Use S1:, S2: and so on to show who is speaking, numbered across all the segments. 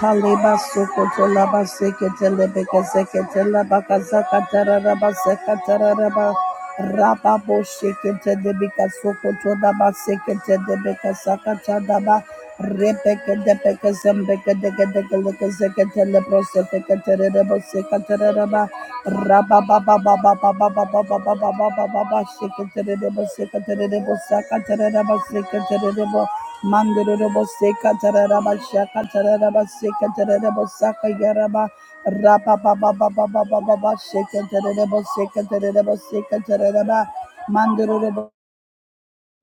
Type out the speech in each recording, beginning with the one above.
S1: Kaleba sokoto laba sekete lebeke sekete laba kazaka tararaba sekatararaba raba raba bo shekete debika sokoto daba sekete debeka sakata daba rebeke debeke zembeke deke deke leke sekete lebro sepeke tererebo sekatararaba raba ba ba ba ba ba ba ba ba ba ba ba ba ba ba ba shekete rerebo sekete rerebo sakatararaba sekete rerebo Mandorobo Seka Taraba shaka Mandoroboseka tararabashaka tararabaseka tararabosaka yaraba rapa ba ba baba ba ba ba ba ba sheka tararaboseka tararaboseka tararaba Rabba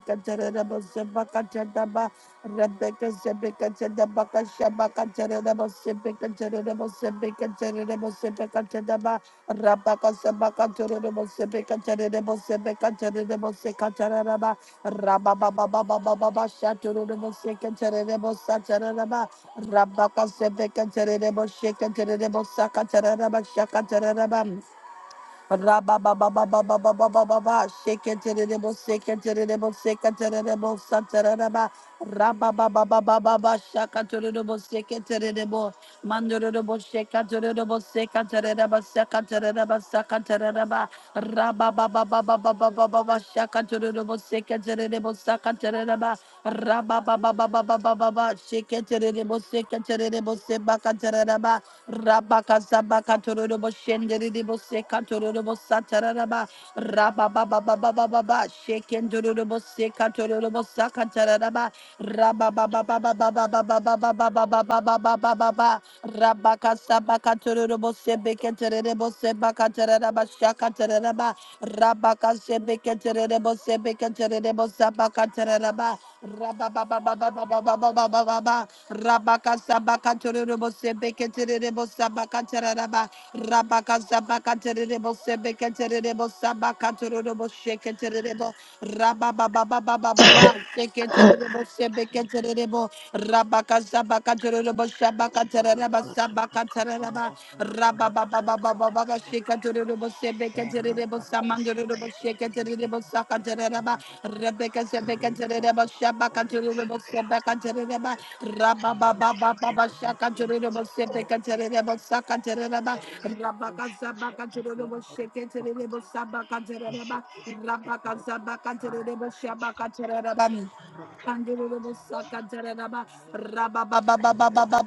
S1: Rabababababababababa, shake it to the devil, shake it to the devil, shake it to the devil, Santarababa, Rababababababa, shaka to the devil, shake it to the devil, Mandurabo, shake it to the devil, shake it to the devil, shaka to the devil, shaka to the devil, Rababababababababa, shaka to the devil, shake it to the devil, shaka to the devil, Rabababababababa, shake it to the devil, shake it to the devil, shaka to the devil, Rabaka Sabaka Torobo Shenderibo Seka Torobo Sataraba Rababa Baba Baba Baba Shaken Torobo Seka Torobo Sakataraba Rababa Baba Baba Baba Baba Baba Baba Baba Baba Baba Rabaka Sabaka Torobo Sebeke Terebo Sebaka Taraba Shaka Taraba Rabaka Sebeke Terebo Sebeke Terebo Sabaka Taraba Rababa Baba Baba Baba Baba Baba Rabaka Sabaka Torebo Sebeke Terebo Sabaka Tararaba, Rabaka Sabaka Terebo Sebeke Terebo Sabaka Torebo Sheke Terebo, Rababa Baba Baba Baba, Sheke Terebo Sebeke Terebo, Rabaka Sabaka Torebo Sabaka
S2: Pala
S1: Tararaba
S2: prata
S1: Sabaka
S2: paka pamba
S1: Tararaba,
S2: pala
S1: Rababa
S2: parata
S1: Baba
S2: paka
S1: Baba
S2: te
S1: Baba
S2: pele
S1: Sheke
S2: kapa
S1: Torebo
S2: ya
S1: Sebeke Terebo
S2: Rapa kosha te
S1: Samandorebo
S2: ke
S1: Sheke
S2: pele
S1: Terebo
S2: vihara
S1: Saka
S2: ke
S1: Tararaba,
S2: timbaratu
S1: Rebecca Sebeke
S2: rupa
S1: Terebo
S2: papa pa
S1: Sabaka
S2: ya
S1: Torebo
S2: shata kapa
S1: Sebeka
S2: pele
S1: Terebo,
S2: pe ya rushi ke pele
S1: Rabababababa shaka
S2: vihara ke
S1: jorere
S2: te
S1: bo sete
S2: rotu
S1: katerere bo
S2: kupa
S1: saka terere ba.
S2: rupa
S1: Rabaka
S2: koshi te
S1: zabaka
S2: adiyam barata paka te jitush ke te parata te repa koshi kata wala rapa te
S1: Rabba
S2: te te marata kapa ya Rekete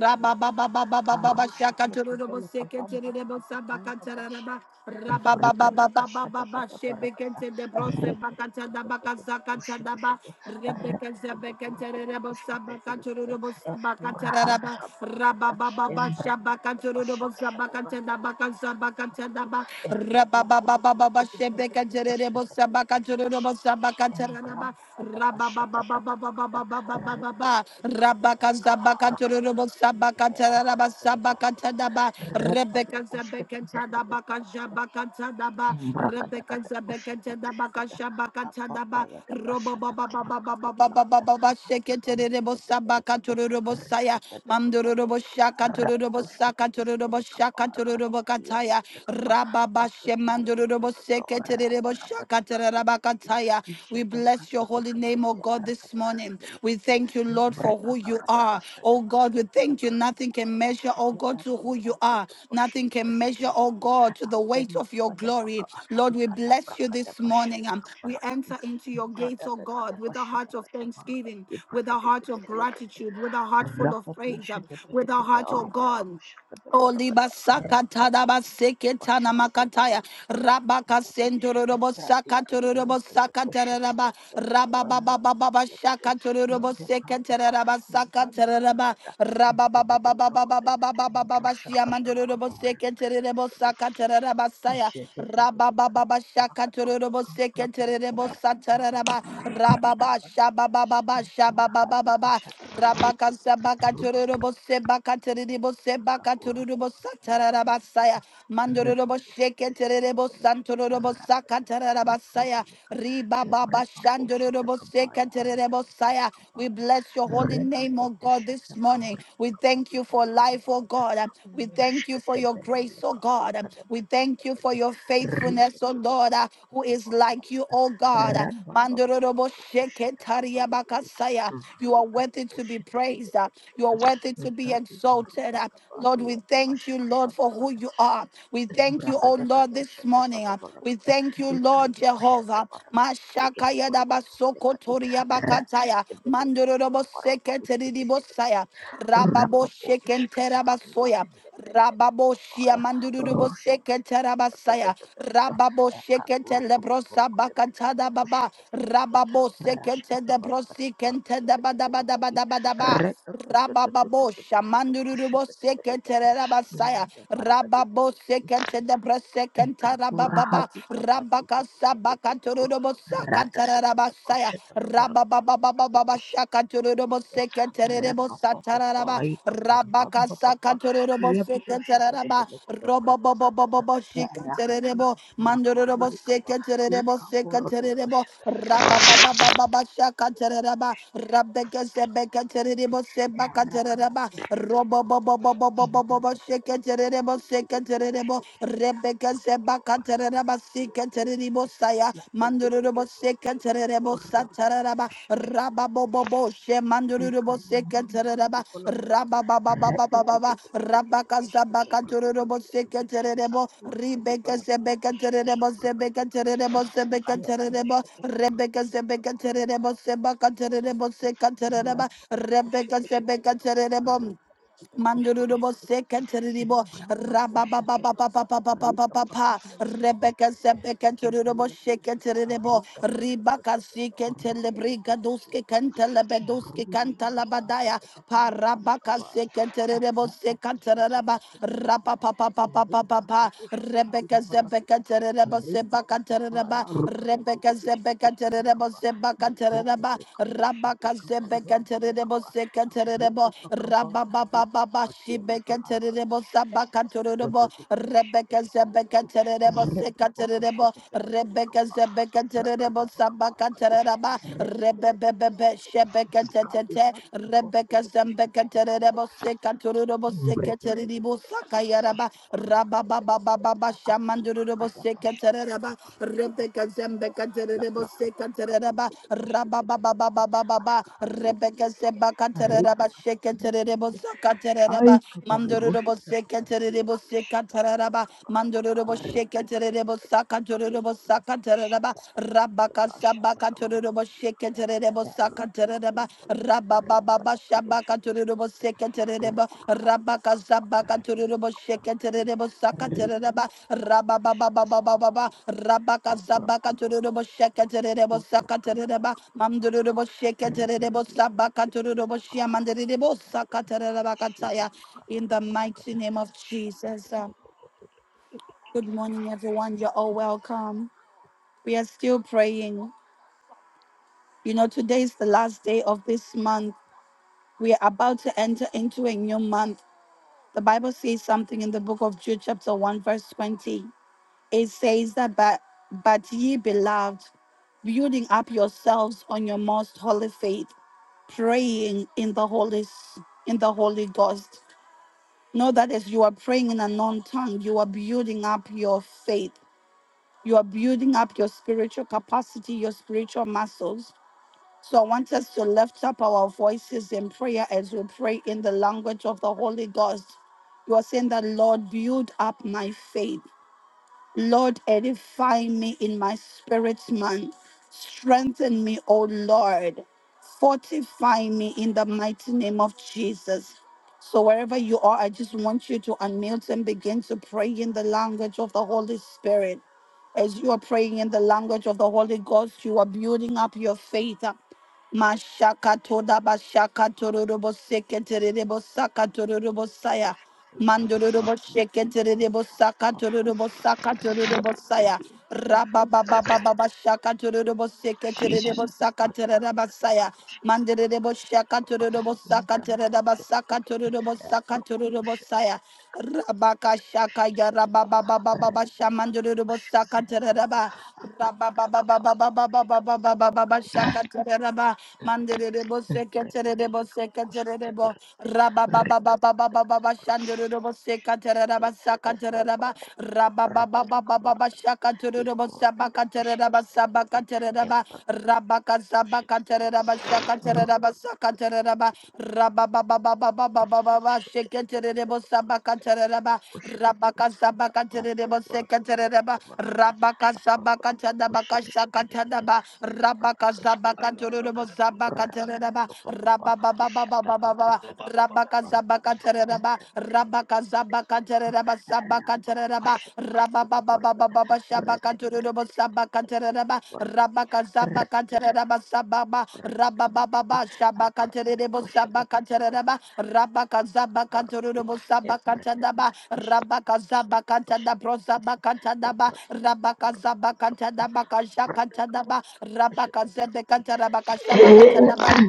S1: Rabba
S2: Brakada bashada kada barakada rekete kete tushete kete rekete burukete pushkete barakade murahada kabana kata embrakada bashada kada barakade kete burukutu kukurukutu kutu kutu barakade bashkete kete kada bashada embrakada
S1: Rabba
S2: bashada kabana kata rekete kete kete
S1: Rabaka
S2: balaka
S1: Zabaka
S2: barakade bidi bidi kete arkete balaka arkete repa pushkete barakade balaka Embrakata pushata balakata apapaya da bashata kabrakata balakata atapam tepete pelekate retete tepete pelekate rapatushkete pete pelekapa arkati pitiya de pelekapa
S1: we bless your
S2: atotototototo rata kapati piti piti kiti ishete prakete
S1: holy name, oh
S2: pelekate
S1: God, this
S2: arkate pete
S1: morning. We
S2: pelekate
S1: thank you, Lord, for who
S2: nembreka
S1: you
S2: kakata
S1: are.
S2: bashata
S1: Oh God, we
S2: kabrakata
S1: thank you.
S2: kata pashata ka brakata kata
S1: Nothing can
S2: balakata
S1: measure, oh God, to who you are.
S2: etatototototo
S1: Nothing
S2: pushete
S1: can
S2: kete
S1: measure, oh
S2: pelekate
S1: God, to the weight of
S2: Apomba
S1: your
S2: badabaka
S1: glory. Lord, we
S2: ikana
S1: bless you
S2: brakada
S1: this morning.
S2: bashada
S1: Um, We
S2: kabarakati
S1: enter into your gates,
S2: brada
S1: oh
S2: da da da
S1: God, with a
S2: bashada
S1: heart of
S2: kada barakati
S1: thanksgiving, with a
S2: ibrakade
S1: heart
S2: bede
S1: of
S2: belekete
S1: gratitude, with a heart full of
S2: rapapo
S1: praise, um,
S2: shada
S1: with a
S2: bedekete
S1: heart, oh
S2: arukada
S1: God.
S2: bashakada
S1: Oli
S2: barakati
S1: basaka tada
S2: rapapo
S1: daba tana
S2: bashada kada
S1: makataya.
S2: barakati
S1: rabaka
S2: kumbati
S1: sendororobo
S2: ebrati kaburu
S1: sakatororobo
S2: kudu bashakada
S1: sakatararaba
S2: belekete arakade
S1: rabababababa
S2: belekete
S1: shakatororobo
S2: yende brapapa
S1: seketararaba
S2: imbranda
S1: sakatararaba
S2: barakada imbrada barakada
S1: rababababababababababa
S2: imbrosha kata lakada
S1: shiamandororobo seketararabo
S2: barakati
S1: sakatararaba saya rababababa shakatororobo seketararabo satararaba rababa shababababa
S2: Kurang hati
S1: shababababa
S2: masyarakat,
S1: rabaka sabakatororobo sebakaterebo
S2: maka kurang
S1: sakaturubo
S2: masyarakat.
S1: satarabasaya.
S2: Rebecca,
S1: Mandurubo sheketerebo santurubo sakatarabasaya. Riba baba shandurubo sekaterebo saya. We bless your holy name, O God, this morning. We thank you for life, O God. We thank you for your grace, O God. We thank you for your faithfulness, O Lord, uh, who is like you, O God. Mandurubo sheketariabakasaya. You are worthy to be praised. uh, You are worthy to be
S2: Ngati baru
S1: exalted.
S2: dah
S1: uh, are. Lord,
S2: kembali
S1: we
S2: ada
S1: thank
S2: pasca
S1: you, Lord, for who
S2: terbalik
S1: you are. We thank you, oh
S2: Rakata
S1: Lord, this
S2: kaposhata
S1: morning.
S2: pada
S1: uh, We
S2: barakata
S1: thank you, Lord
S2: ikati poshata
S1: Jehovah.
S2: barakata pelekete
S1: Mashakaya
S2: borokota
S1: dabasoko
S2: pelekati
S1: toria
S2: rakata
S1: bakataya.
S2: tebete pete maka
S1: Mandorobo
S2: barokutu shkete pete pete
S1: seketeribosaya. Rababo
S2: rapapo shkete
S1: shekentera
S2: hande
S1: basoya.
S2: bende bende bende
S1: Rababoshia
S2: kapaya
S1: mandurubo
S2: roshata
S1: sekete rabasaya. Rababo shekete
S2: ekakurkutu
S1: lebrosa
S2: borokota pelekete
S1: bakatada baba.
S2: poshata pelekete
S1: Rababo sekete
S2: rashkata balakata
S1: lebrosi kente
S2: borokata
S1: daba
S2: pete
S1: daba daba
S2: pelekati
S1: daba daba.
S2: rekata
S1: Rabababo shamandurubo
S2: poshata
S1: sekete
S2: pelekete
S1: rabasaya.
S2: manda barakati
S1: Rababo
S2: pelekati
S1: sekete lebrose kenta
S2: Ikapura
S1: rabababa.
S2: hati kapatu tutu
S1: Rabakasa
S2: tutu tutu tutu
S1: bakaturubo
S2: rata
S1: sakata
S2: tata tata
S1: rabasaya.
S2: posheta kapora kete kete posheta kete kete kete rapa papa pai kapamba papa papa iya putu shita kete kete kete brata tata tata ya rakati kapura kati bili kapa ikapura tu posheta kete ya rapa papa kete kete
S1: Rebecca bosaya manduru bose kantere bosa tararaba raba bobo boshe manduru bose kantereba raba baba baba baba raba kazaba kanturu bose kanterebo ribeke sebe kanterebo sebe kanterebo sebe kanterebo rebeke sebe
S2: Kaya
S1: kanterebo seba kanterebo se kantereba rebeke sebe kanterebo Mandurubo sekatiribo rababababababababababa Rebecca sebeka turubo shekatiribo ribaka siketelebriga duske kantelebeduske kantalabadaya parabaka sekatiribo sekatiraba rapapapapapapapa Rebecca sebeka tiribo
S2: Rip of
S1: sebaka tiriba
S2: papaya, rupata kadi
S1: Rebecca
S2: kushti
S1: sebeka
S2: kadi kapa,
S1: tiribo sebaka tiriba
S2: βρέταπα καμποσιάτα
S1: Rabaka
S2: καμπαμιάντα
S1: Sebekanterebo
S2: πελεκάπα
S1: Sekanterebo,
S2: βρέταπα καμπα
S1: Rabababa
S2: ρούταπα θελε φαρακάτι
S1: Shibekanterebo Sabakanterebo,
S2: εβρέταπα
S1: Rebecca Sebekanterebo Sekanterebo,
S2: καμποσιάτα
S1: Rebecca
S2: πελεκάπα
S1: Sebekanterebo
S2: βρακάπα καμπαροκάπι
S1: Sabakantereba,
S2: εβρέταπα καμποσιάτα
S1: Rebebebe
S2: πελεκάπα βρακάπα καμπαροκάπι
S1: Shebekantete,
S2: εβρέταπα
S1: Rebecca
S2: καμποσιάτα
S1: Sebekanterebo
S2: πελεκάπα
S1: Sekanterebo
S2: Rika
S1: Sekanterebo Sakayaraba, Rabababa Shamanderebo Sekantereba, Rebecca Zembeka Terebo Seka Tereba Rababababababa Rebecca Zembaka Tereba Sheka Terebo Saka
S2: هل
S1: Tereba
S2: يجب
S1: Mandorobo Seka Terebo Seka Tereba Mandorobo
S2: على
S1: Sheka Terebo Saka Terebo Saka Tereba Rabaka Sabaka Turubo Shekaterebo Sakatereba Rabababa Shabaka Turubo Sekatereba Rabaka Sabaka Turubo Shekaterebo
S2: م
S1: Sakatereba
S2: शक्त कबूतर
S1: Rabababa
S2: लगा
S1: Rabaka
S2: एप्रोक्ट
S1: Sabaka Turubo
S2: कबूतर वो
S1: Shekaterebo
S2: इप्रोक्ट
S1: Sakatereba
S2: कबूतर लगा
S1: Mamdurubo Shekaterebo
S2: रेपेडन
S1: Sabaka
S2: बेलेट बेलेट
S1: Turubo
S2: कुआं अली
S1: Shiamanderebo
S2: बेलेट बेलेट
S1: Sakatereba
S2: शीत
S1: Kataya
S2: बकरा
S1: in the
S2: दबा
S1: mighty
S2: सोकड़ा
S1: name of
S2: शक्त
S1: Jesus. Uh,
S2: दबा
S1: Good morning, everyone. You're all welcome. We are still praying. You know, today is the last day of this month. We are about to enter into a new month. The Bible says something in the book of Jude, chapter 1, verse 20. It says that, but, but ye beloved, building up yourselves on your most holy faith, praying in the Holy, S- in the Holy Ghost. Know that as you are praying in a non tongue, you are building up your faith. You are building up your spiritual capacity, your spiritual muscles So I want us to lift up our voices in prayer as we pray in the language of the Holy Ghost. You are saying that, Lord, build up my faith. Lord, edify me in my spirit, man. Strengthen me, O Lord. Fortify me in the mighty name of Jesus. So wherever you are, I just want you to unmute and begin to pray in the language of the Holy Spirit. As you are praying in the language of the Holy Ghost, you are building up your faith. Mashaka toda bashaka tororobo seketerebo saka tororobo saya.
S2: दबा
S1: Mandorobo sheketerebo saka tororobo saka tororobo saya.
S2: दबा
S1: Rabababababa shaka tororobo
S2: Jesus
S1: seketerebo saka
S2: Adibali
S1: terereba
S2: Kaprata
S1: saya.
S2: Kaposhke
S1: Manderebo
S2: Katibala
S1: shaka
S2: Papa
S1: tororobo saka
S2: Imbra
S1: terereba
S2: Patike
S1: saka tororobo
S2: Patikete
S1: saka
S2: Proko
S1: tororobo
S2: Poshe
S1: saya.
S2: Petele Kapaka
S1: Rabaka
S2: Kata Poshe
S1: shaka ya
S2: Peleka
S1: rababa baba baba
S2: Rita
S1: shamandurubo
S2: Poshke
S1: saka
S2: Vehele Kapa
S1: tereraba. Rababa
S2: Aprakata
S1: baba
S2: Kaparaka
S1: baba baba
S2: Dipili
S1: baba
S2: Kapaka
S1: baba
S2: Paraka
S1: baba shaka tereraba. Mandurubo seke
S2: Prepe Pele
S1: tererebo seke
S2: Kapakoshke
S1: tererebo.
S2: Teparate
S1: Rababa baba
S2: Rikata
S1: baba
S2: Kata
S1: baba
S2: Kata
S1: baba
S2: Paraka
S1: shandurubo
S2: Poshe
S1: seka tereraba saka
S2: Prapa
S1: tereraba. Rababa baba
S2: Parapata
S1: baba baba
S2: Kapalaka
S1: shaka tererebo
S2: Ikorke
S1: sabaka
S2: Poshe Pelekete
S1: Sabakatereba,
S2: Imbra
S1: Rabaka
S2: Poshe
S1: Sabakatereba,
S2: Peleka
S1: Shakatereba, Sakatereba,
S2: Shut
S1: Rabababababababa, Shekaterebo, Sabakatereba, Rabaka Sabakaterebo, Sekatereba, Rabaka Sabakatanabaka, Shakatanaba, Rabaka
S3: Aloro
S1: Sabakaterebo, Sabakatereba, Rababababababa,
S3: Baba Baba
S1: Rabaka Zabaka Tereba, Rabaka Zabaka Tereba, Sabaka Tereba, Rababa Baba Baba Shabaka Tereba, Sabaka Tereba, Rabaka Zabaka Tereba, Sababa, Rababa Baba Shabaka Tereba, Sabaka Tereba, Rabaka Zabaka
S2: კვარცხლბეკი
S1: Tereba, Sabaka Tadaba,
S2: ემართებოდა
S1: Rabaka
S2: შედგენილ
S1: Zabaka Tadabro,
S2: კვარცხლბეკთა
S1: Zabaka Tadaba, Rabaka Zabaka Tadabaka Shaka Tadaba, Rabaka Zebeka Tereba, Shabaka
S2: გუნდს.
S1: Tadaba.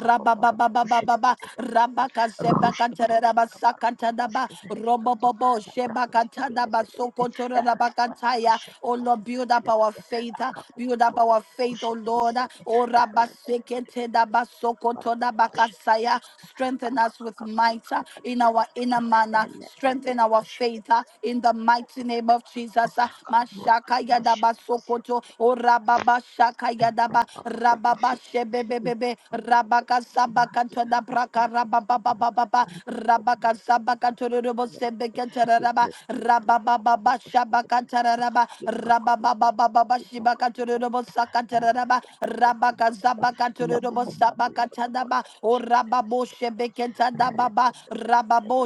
S2: Papa Baru Kushele Pete Pele Pete
S1: Rabaka
S2: Rush
S1: Sebaka
S2: Kete Pele Kabaru
S1: Tarabasaka
S2: Kutu
S1: Tadaba,
S2: Kushke Pele Kapa
S1: Robobobo,
S2: Na
S1: Shebaka
S2: Prakati Kiete
S1: Tadaba,
S2: Pele Kete
S1: Sokotora
S2: Rapata
S1: Rabakataya,
S2: Pashete
S1: Oh
S2: Baru
S1: Lord,
S2: Pete
S1: build up our faith. uh,
S2: Akaku
S1: Build up
S2: Kupuru
S1: our
S2: Kutu
S1: faith, oh
S2: Kushele Pete
S1: Lord. uh,
S2: Kete
S1: Oh Rabba
S2: Rapete Pete
S1: Sekete
S2: Pete Pete
S1: Daba
S2: Pele Kabaru
S1: Sokoto
S2: Kutu
S1: Daba
S2: Kushele Pele
S1: Kasaya.
S2: Kete
S1: Strengthen
S2: Kaka
S1: us with
S2: Kaka Kula
S1: might uh,
S2: Karaka
S1: in
S2: Diki
S1: our
S2: Pele Kete
S1: inner manner.
S2: Ele
S1: Strengthen
S2: Prakete
S1: our
S2: Kushele
S1: faith uh,
S2: Pele
S1: in
S2: Kete
S1: the
S2: Pele Kete
S1: mighty
S2: Baru
S1: name
S2: Kete
S1: of
S2: Pele Kapa
S1: Jesus. uh,
S2: Baru Kete
S1: Mashaka Yadaba
S2: Pashete Kabaru
S1: Sokoto. Oh Rababa Shaka Yadaba. Rababa Shebebebebe sabakato da braka rabababababa rabaka sabakato robo sebeketaraba rababababa shabakataraba rabababababa shibakato robo sakataraba rabaka zabakato robo sabakatanaba o rababo shebeketadababa rababo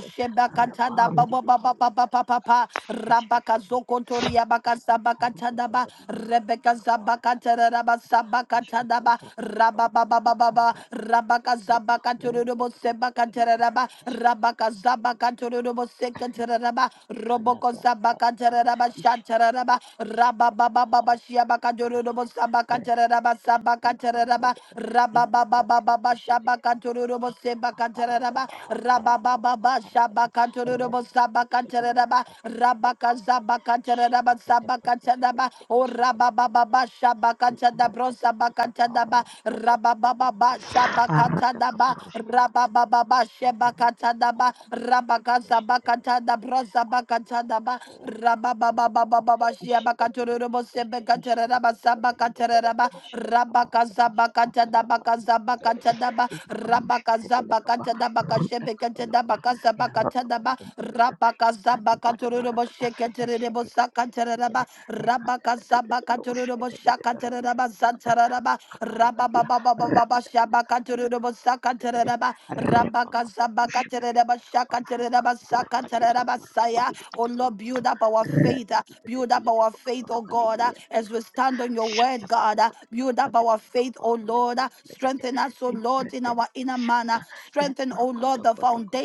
S2: Rabam di bidi bidi anda balakada.
S1: shebakatanababa
S2: Mesti
S1: Rabaka
S2: kita
S1: Zokotoria Baka Sabaka
S2: Haruta
S1: Tadaba,
S2: tapadihi tapenda
S1: Rebecca
S2: kapara
S1: Zabaka
S2: kata
S1: Taraba
S2: kata
S1: Sabaka
S2: ashkata
S1: Tadaba,
S2: prakata
S1: Rababa
S2: palakata
S1: Baba Baba,
S2: harutu tu tu tu
S1: Rabaka
S2: tu tu
S1: Zabaka Turubo
S2: repete kete
S1: Sebaka
S2: pele kete
S1: Taraba,
S2: eshkete
S1: Rabaka
S2: pele kete
S1: Zabaka
S2: pele
S1: Turubo Seka Taraba,
S2: kanda
S1: Roboko
S2: brata
S1: Zabaka
S2: parada
S1: Taraba
S2: ishata
S1: Shataraba,
S2: kabata kadi
S1: Rababa
S2: kabarata
S1: Baba
S2: arakete
S1: Shiabaka
S2: pelekete
S1: Turubo Sabaka Taraba
S2: rekete
S1: Sabaka Taraba,
S2: kabambolata inda
S1: Rababa
S2: brakete
S1: Baba
S2: beshete kete
S1: Shabaka
S2: pelekete
S1: Turubo Sebaka
S2: akarada
S1: Taraba,
S2: ba akarada
S1: Rababa
S2: ba
S1: Baba
S2: akarada ba
S1: Shabaka Turubo
S2: rakete kete
S1: Sabaka
S2: pelekete
S1: Taraba,
S2: arakete kete
S1: Rabaka
S2: pelekete
S1: Zabaka Teraba
S2: shete kete
S1: Sabaka
S2: brakete
S1: Tadaba,
S2: pelekete
S1: O
S2: shete kete pelekete
S1: Rabababa Shabaka Tadabro
S2: brakete pelekete
S1: Sabaka Tadaba, Rabababa Shabaka
S2: Arada
S1: Tadaba,
S2: kaburush kete pelekete
S1: Rabababa
S2: ne
S1: Shebaka
S2: arutu
S1: Tadaba,
S2: kubaraka di pelekete
S1: Rabaka
S2: beshete
S1: Zabaka Tadabro
S2: Rakata
S1: Sabaka Tadaba, Rabababa Shabaka Turubo Sebeka Teraba Sabaka Teraba, Rabaka Zabaka Tadabaka Zabaka Tadaba, Rabaka Zabaka Tadabaka Shebeka Tadabaka Zabaka Tadaba, Rabaka Zabaka Turubo Shekaterebo Sakataraba, Rabaka Zabaka Turubo Shakataraba Santaraba, Rababa Baba Baba Shabaka Turubo Rabaka Zabaka Tereba Shaka Tereba
S2: pada
S1: Saka Tereba Saya. Oh Lord, build up our faith. uh, Build up our faith, oh God, uh, as we stand on your word, God. uh, Build up our faith, oh Lord. uh, Strengthen us, oh Lord, in our inner manner. Strengthen, oh Lord, the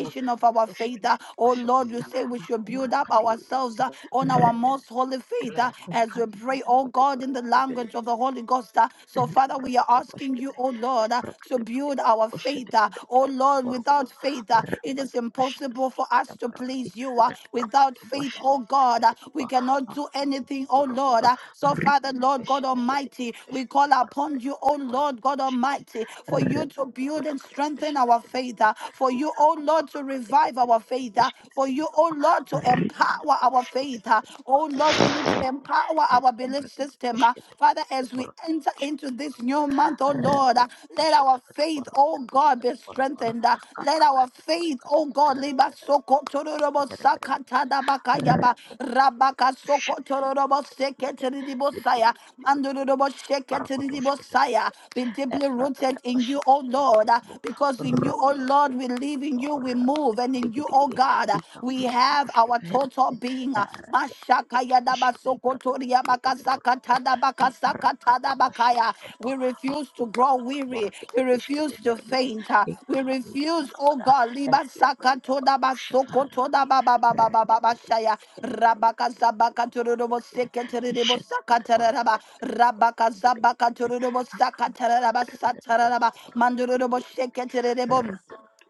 S4: Rata
S1: of our faith. uh, Oh Lord, you say we should build up ourselves uh, on our most holy faith uh, as we pray, oh God, in the
S2: pada
S1: language
S2: Shut
S1: of the Holy Ghost. uh. So,
S2: and
S1: Father, we we are
S2: brakata
S1: asking you,
S2: bashkete
S1: oh
S2: and
S1: Lord, uh, to
S2: brakata
S1: build
S2: brakata
S1: our
S2: boshete
S1: faith. uh,
S2: kete
S1: Oh
S2: brakata
S1: Lord,
S2: borokoto
S1: without faith, uh, it is
S2: rakata boshete
S1: impossible for
S2: brakata
S1: us to
S2: barakati
S1: please you. uh,
S2: and
S1: Without
S2: brakata
S1: faith, oh
S2: boshete kete
S1: God, uh,
S2: brakata
S1: we
S2: pa
S1: cannot do anything, oh Lord.
S2: borokoto
S1: uh, So, Father,
S2: rikete
S1: Lord God
S2: boshete
S1: Almighty,
S2: brakata
S1: we
S2: bashkete
S1: call
S2: barakata
S1: upon you, oh
S2: kete
S1: Lord
S2: barakata
S1: God
S2: boshkete
S1: Almighty, for you to
S2: rakata
S1: build and
S2: brakata
S1: strengthen
S2: boshete
S1: our faith,
S2: brakata
S1: uh, for you,
S2: ika
S1: oh
S2: kuka
S1: Lord, to
S2: kaka kete
S1: revive our
S2: brakata
S1: faith, uh,
S2: bashkete
S1: for you,
S2: brakata
S1: oh
S2: pa
S1: Lord, to
S2: rikete
S1: empower our
S2: boshkete
S1: faith, uh, oh Lord, for you to
S2: brakata
S1: empower empower our belief system. uh, Father, as we enter into this new month, oh Lord, uh, let our faith, oh God, be strengthened. uh, Let our faith, oh God, liba soko tororobo sakatada bakayaba rabaka soko tororobo seketiribo saya mandorobo
S2: Para kodos
S1: seketiribo
S2: kita pilih.
S1: saya. Be deeply
S2: Ishaka
S1: rooted in you, oh Lord, uh, because in you, oh Lord, we live in you, we move, and in you, oh God, uh, we have have our total being. uh, Mashaka yadabasokotoria bakazakatada bakazakatada bakaya. We refuse to grow weary. We refuse to faint. uh, We refuse, oh God, libasakatoda basokotoda babababababashaya. Rabakazabakatururubosiketereribosakatararaba. Rabakazabakatururubosakatararaba satararaba. Mandururubosiketererebom.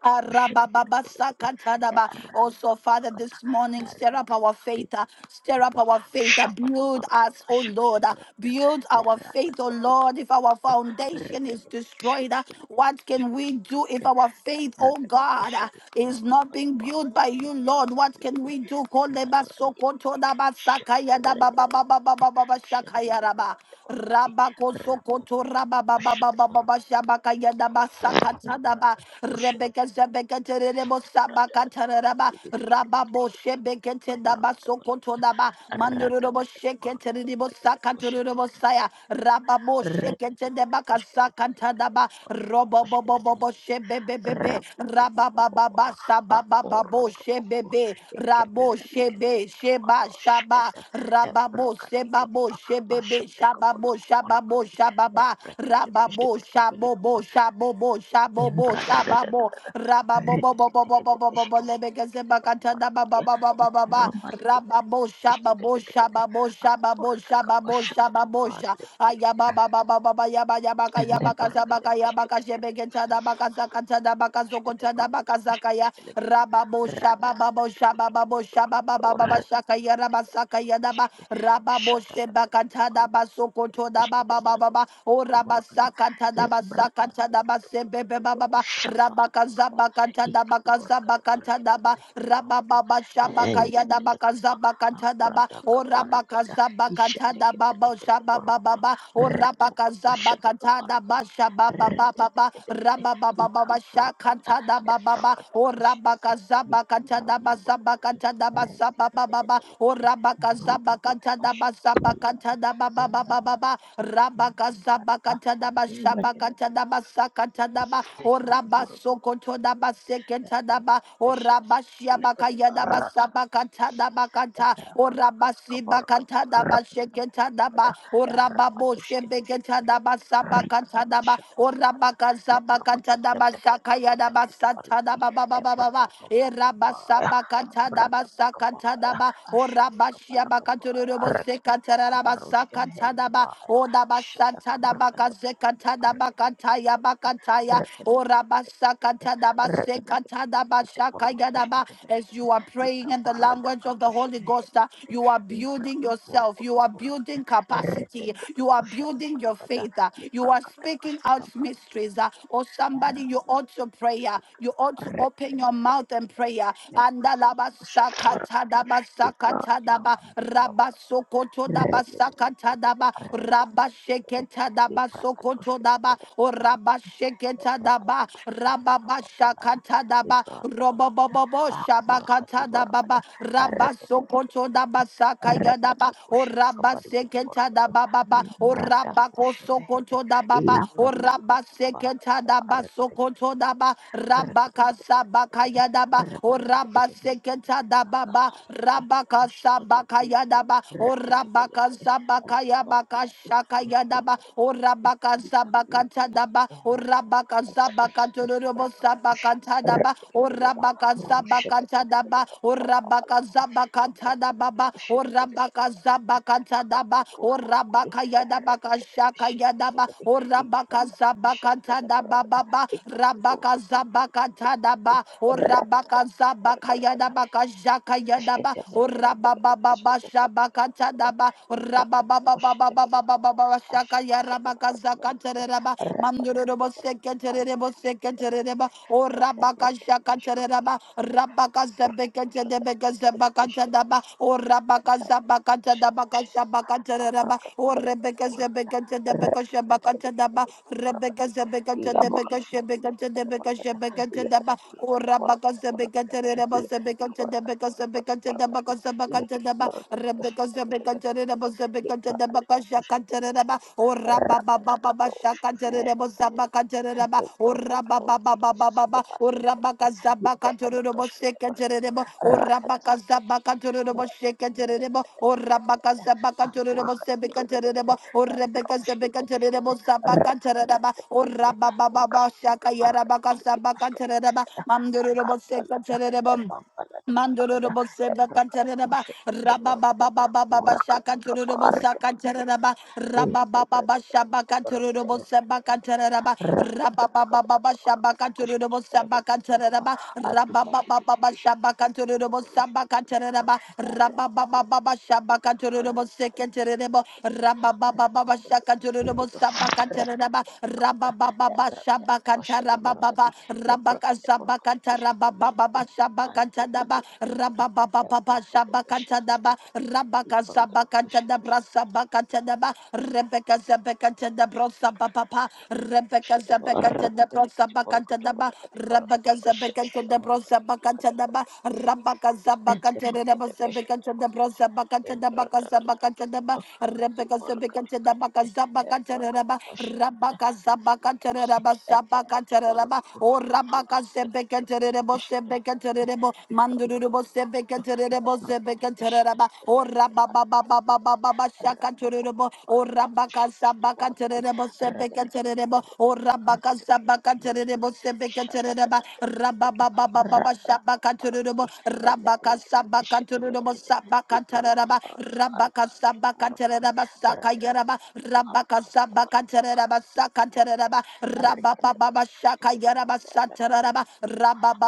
S1: Arabababasakatadaba. Also, Father, this morning, stir up our faith, uh, stir up our faith, uh, build us, oh Lord, uh, build our faith, oh Lord. If our foundation is destroyed, uh, what can we do if our faith, oh
S2: berangkat ke
S1: God, uh,
S2: situ ke
S1: is
S2: mall
S1: not being
S2: malam
S1: built by
S2: dipilih
S1: you, Lord? What
S2: pilih
S1: can
S2: gini
S1: we do?
S2: mana mana gini gini siapa dia mana gini gini siapa dia mana gini
S1: Kolebasokotodabasakayadababababababashakayaraba.
S2: gini orang tadi rapop
S1: Rabakosokoto
S2: rapop siapa orang
S1: rababababababa
S2: tadi
S1: shabaka yadaba
S2: berada
S1: sakatadaba
S2: di terus siapa
S1: rebeke zebeke tererebo
S2: berada
S1: sabaka
S2: di orang
S1: tereraba
S2: gini pilih gini pilih
S1: rababo
S2: gini pilih
S1: shebeke
S2: gini ke orang
S1: tedaba
S2: kata orang
S1: sokoto
S2: kata
S1: daba
S2: rata
S1: mandururobo
S2: kata
S1: sheke
S2: orang kata
S1: tererebo
S2: pilih gini bos siapa
S1: sakatururobo
S2: pilih gini
S1: saya rababo sheke
S2: rata kata
S1: tedebaka
S2: bos kata pilih gini
S1: sakatadaba
S2: orang kata
S1: robobobobobo shebe bebe, rabababa, sabababo, shebebe, rabo, shebe, sheba, shaba, rababo, sebabo, shebebe, shababo, shababo, shababa, rababo, shabobo, shabobo, shabobo, shababo, rababo, bobo, bobo, bobo, bobo, lebekazebakatada, babababababa, rababo, shababo, shababo, shababo, shababo, shababo, Ayababa baba baba baba yaba yabaka
S2: Ende
S1: yabaka
S2: barka de
S1: zabaka yabaka
S2: beshkete
S1: shebegeta dabaka zakata dabaka
S2: bashkete
S1: zokota
S2: borqate
S1: dabaka
S2: bashkete
S1: zakaya
S2: belegede
S1: rababo shaba
S2: raatate
S1: babo shaba babo shaba baba baba
S2: Lord.
S1: shaka ya rabasaka ya daba rababo
S2: Shut
S1: shebaka tada basokoto daba baba baba o rabasaka tada basaka tada basebebe baba baba rabaka zabaka tada baka zabaka tada ba rababa shaba kaya dabaka zabaka tada ba o rabaka zabaka tada da ba ba sha ba ba ba ba o ra ba ka za ba ka ta da ba sha ba ba ba ba ba ra ba ba ba ba ba sha ka ta da ba ba ba o ra ba ka za ba ka ta da ba za ba ka ta da ba za ba ba ba ba o ra ba ka za ba ka ta da ba za ba ka ta da ba ba ba ba ba ba Rabaka Zabaka Tadaba Shabaka Tadaba Saka Tadaba O Rabasoko Todaba Seke Tadaba O Rabashiabaka Yadaba Sabaka Tadaba Kata O Rabasibaka Tadaba Sheke Tadaba O Rababo Shebeke Tadaba Sabaka Tadaba O Rabaka Zabaka Tadaba Shaka Yadaba Satadaba E rabasabakata dabasakata daba. O rabashiabakatururebo sekatarabasakata daba. O dabasata dabakazekata dabakataya bakataya. O rabasakata dabasekata dabashakaya daba. As
S2: Rekete
S1: you are praying in the language of the Holy Ghost, uh,
S2: likaparadakatushevehedekede
S1: you are building yourself. You are
S2: brakaporkutupurakada
S1: building capacity. You are building your
S2: retetetutushatabalakada
S1: faith. uh, You are speaking out out mysteries.
S2: librakadakashkatabrakatekede
S1: uh, Or somebody, you ought to pray. uh, You ought to open your mouth and pray. uh,
S2: retetetetetetetetetetetetetetetetetete lebrakatushatabarakade
S1: Andalabasakatadabasakatadaba,
S2: ibradibandibalabarakada retetetetetetete
S1: Rabasokotodabasakatadaba,
S2: retetetetetete
S1: Rabasheketadabasokotodaba,
S2: librakatushkatebelekede
S1: O
S2: barakade
S1: Rabasheketadaba,
S2: librakatushkatebelekababalada
S1: Rababashakatadaba, Robobobobo
S2: Akurakati
S1: Shabakatadababa,
S2: barabada, erekete kete belebede, repo
S1: Rabasokotodabasakayadaba, O
S2: kushada
S1: Rabba
S2: kabari kiti
S1: Seketa da
S2: barabada,
S1: Baba, O
S2: membrada
S1: Rabba
S2: kushevehede,
S1: Kosokoto da Baba, O
S2: ilabrakati
S1: Rabba
S2: bakum barakati,
S1: Seketa da
S2: erekete kete
S1: Basokoto
S2: kete
S1: da Ba, Rabba
S2: kete, erekete kete kete kete kete,
S1: Kasabakaya da Ba, O
S2: erekete kete
S1: Rabba
S2: kete kete,
S1: Seketa da Baba,
S2: kakakarawa,
S1: Rabba
S2: kushada kabari
S1: Kasabakaya
S2: kiti,
S1: da Ba, O
S2: receke
S1: Rabba
S2: belekete, erekete
S1: Kasabakaya
S2: kete kete,
S1: Bakashakaya da Ba,
S2: membrokoto
S1: O
S2: koto koto,
S1: Rabba Kasabakata da Ba,
S2: kikakurakata,
S1: O Rabba Kasabakato Robo Sabakata da Ba, O Rabba Rabakatadaba, O Rabakazabakatadababa, O Rabakazabakatadaba, O Rabakayadabakashakayadaba, O Rabakazabakatadababa, Rabakazabakatadaba, O
S2: Rakata
S1: Rabakazabakayadabakashakayadaba,
S2: Ashkete
S1: O Rababababashabakatadaba, O Rabababababababababashakayarabakazakataraba, O rabaka shaka tereba, rabaka zebeke tebeke zebaka tedaba, o rabaka zabaka tedabaka shabaka tereba, o rebeke zebeke tedebeke shabaka tedaba, rebeke zebeke tedebeke shebeke tedebeke shebeke tedaba, o rabaka zebeke tereba zebeke tedebeke zebeke tedabaka zabaka tedaba, rebeke zebeke Rabba
S2: Rakata Improkoto, Jesus, in the band of the Improkata Boshka, the Market, Ratat, Afurkat, the Velvet, Broshka, the Velvet,
S1: baba Mamdurubosekatereba. Mandorobo seba kantaraba raba ba ba ba ba ba ba shaka torobo saka seba
S2: Rat,
S1: kantaraba raba ba ba ba ba shaba kantorobo seba kantaraba raba ba ba ba ba shaba kantorobo seba kantaraba raba ba ba ba ba shaba kantorobo sekantaraba raba ba ba ba ba shaka torobo seba kantaraba ba ba ba shaba kantaraba Rabaka Shabakata Rababa Shabakata Daba Rababa Shabakata Daba Rabaka
S2: Rakata
S1: Shabakata Dabra Sabakata Daba Rebecca Zabekata Dabro Sabapa Rebecca
S2: Shadabara,
S1: Zabekata Dabro
S2: Nakati Kitty Morocco,
S1: Sabakata Daba
S2: Nakati Morocco,
S1: Rabaka Zabekata
S2: Shadakata
S1: Dabro
S2: Morocco,
S1: Sabakata
S2: Lakata Morocco.
S1: Daba Rabaka
S2: Ente
S1: Zabakata Daba
S2: perkete bashkete
S1: Zabekata Dabro
S2: perkete
S1: Sabakata Dabaka
S2: nimprata to to to
S1: Zabakata
S2: to
S1: Daba
S2: to kati
S1: Rebecca
S2: barakati
S1: Zabekata Dabaka
S2: perkete e
S1: Zabakata
S2: prakata bashkete
S1: Daba
S2: marisi
S1: Sabacatereba,
S2: ente perkete
S1: Sabacatereba,
S2: barutuku
S1: O
S2: alo
S1: Rabaca
S2: kati
S1: Sebecaterebo, Sebecaterebo, Mandurubo Sebecaterebo, Sebecatereba, O rababa Rabababa Shacaturbo, O Rabaca Sabacaterebo, Sebecaterebo, O rabaka Rabaca Sabacaterebo,
S2: Shut
S1: Sebecatereba, Rabababa
S2: up.
S1: Shabacaturbo,
S2: Ella
S1: Rabaca
S2: bracket shit
S1: Sabacaturbo,
S2: delicate the bracket
S1: Sabacatereba,
S2: arcata
S1: Rabaca
S2: arcate bilcomarcati
S1: Sabacatereba, yaraba
S2: ratacatakata
S1: rabaka
S2: arcatacata
S1: sabaka
S2: balacata
S1: tereraba
S2: arcatacata
S1: saka
S2: balacata
S1: tereraba rababa
S2: arcatacata
S1: baba
S2: shit
S1: shaka
S2: delicate
S1: yaraba
S2: and again
S1: satereraba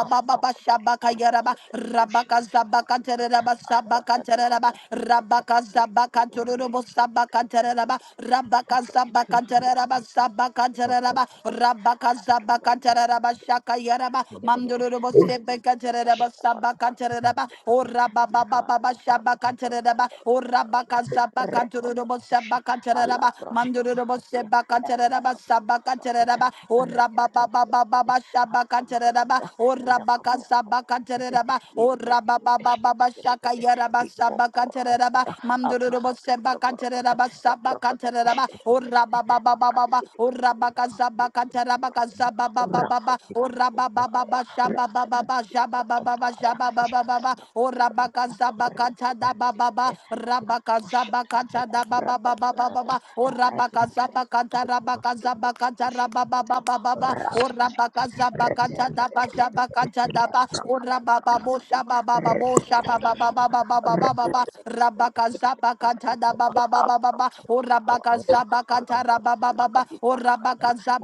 S2: a
S1: baba
S2: brocota
S1: shabaka yaraba
S2: corcotia that do
S1: rabaka
S2: shivelic
S1: sabaka
S2: marketi
S1: tereraba
S2: a
S1: sabaka tereraba
S2: pratatata a
S1: rabaka
S2: catabur to
S1: sabaka tururubu sabaka tereraba rabaka sabaka tereraba sabaka tereraba rabaka sabaka tereraba shaka yaraba
S2: recate
S1: mamdururubu sebeka tereraba sabaka tereraba o rababa baba Shabaka. Rabakataraba, O Rabaka Zabakaturabo Sabakataraba, Mandurubo Sebakataraba, Sabakataraba, O Rababa Baba Baba Shabakataraba, O Rabaka Zabakataraba, O Rababa Baba Shakayaraba Sabakataraba, Mandurubo Sebakataraba, Sabakataraba, O Rababa Baba
S2: akan
S1: Baba, O
S2: dikit-dikit dikit
S1: Rabaka
S2: mandit ke
S1: Zabakataraba,
S2: bawah
S1: Zababa Baba, O Rababa Baba Shababa Baba Shababa Rabashababababa, O Rabakazabakata da Baba, Rabakazabakata da Baba Baba, Baba, O Rabakazabakata Rabakazabakata Rabababa, O Rabakazabakata da Bashabakata da Ba, O Rabababo Shabababo Shababababababa, Rabakazabakata da Baba Baba, Baba, O
S5: Thank
S2: kalau
S1: Rabakazabakata
S2: bukan akan
S1: Rabababa, O
S2: diparahkan,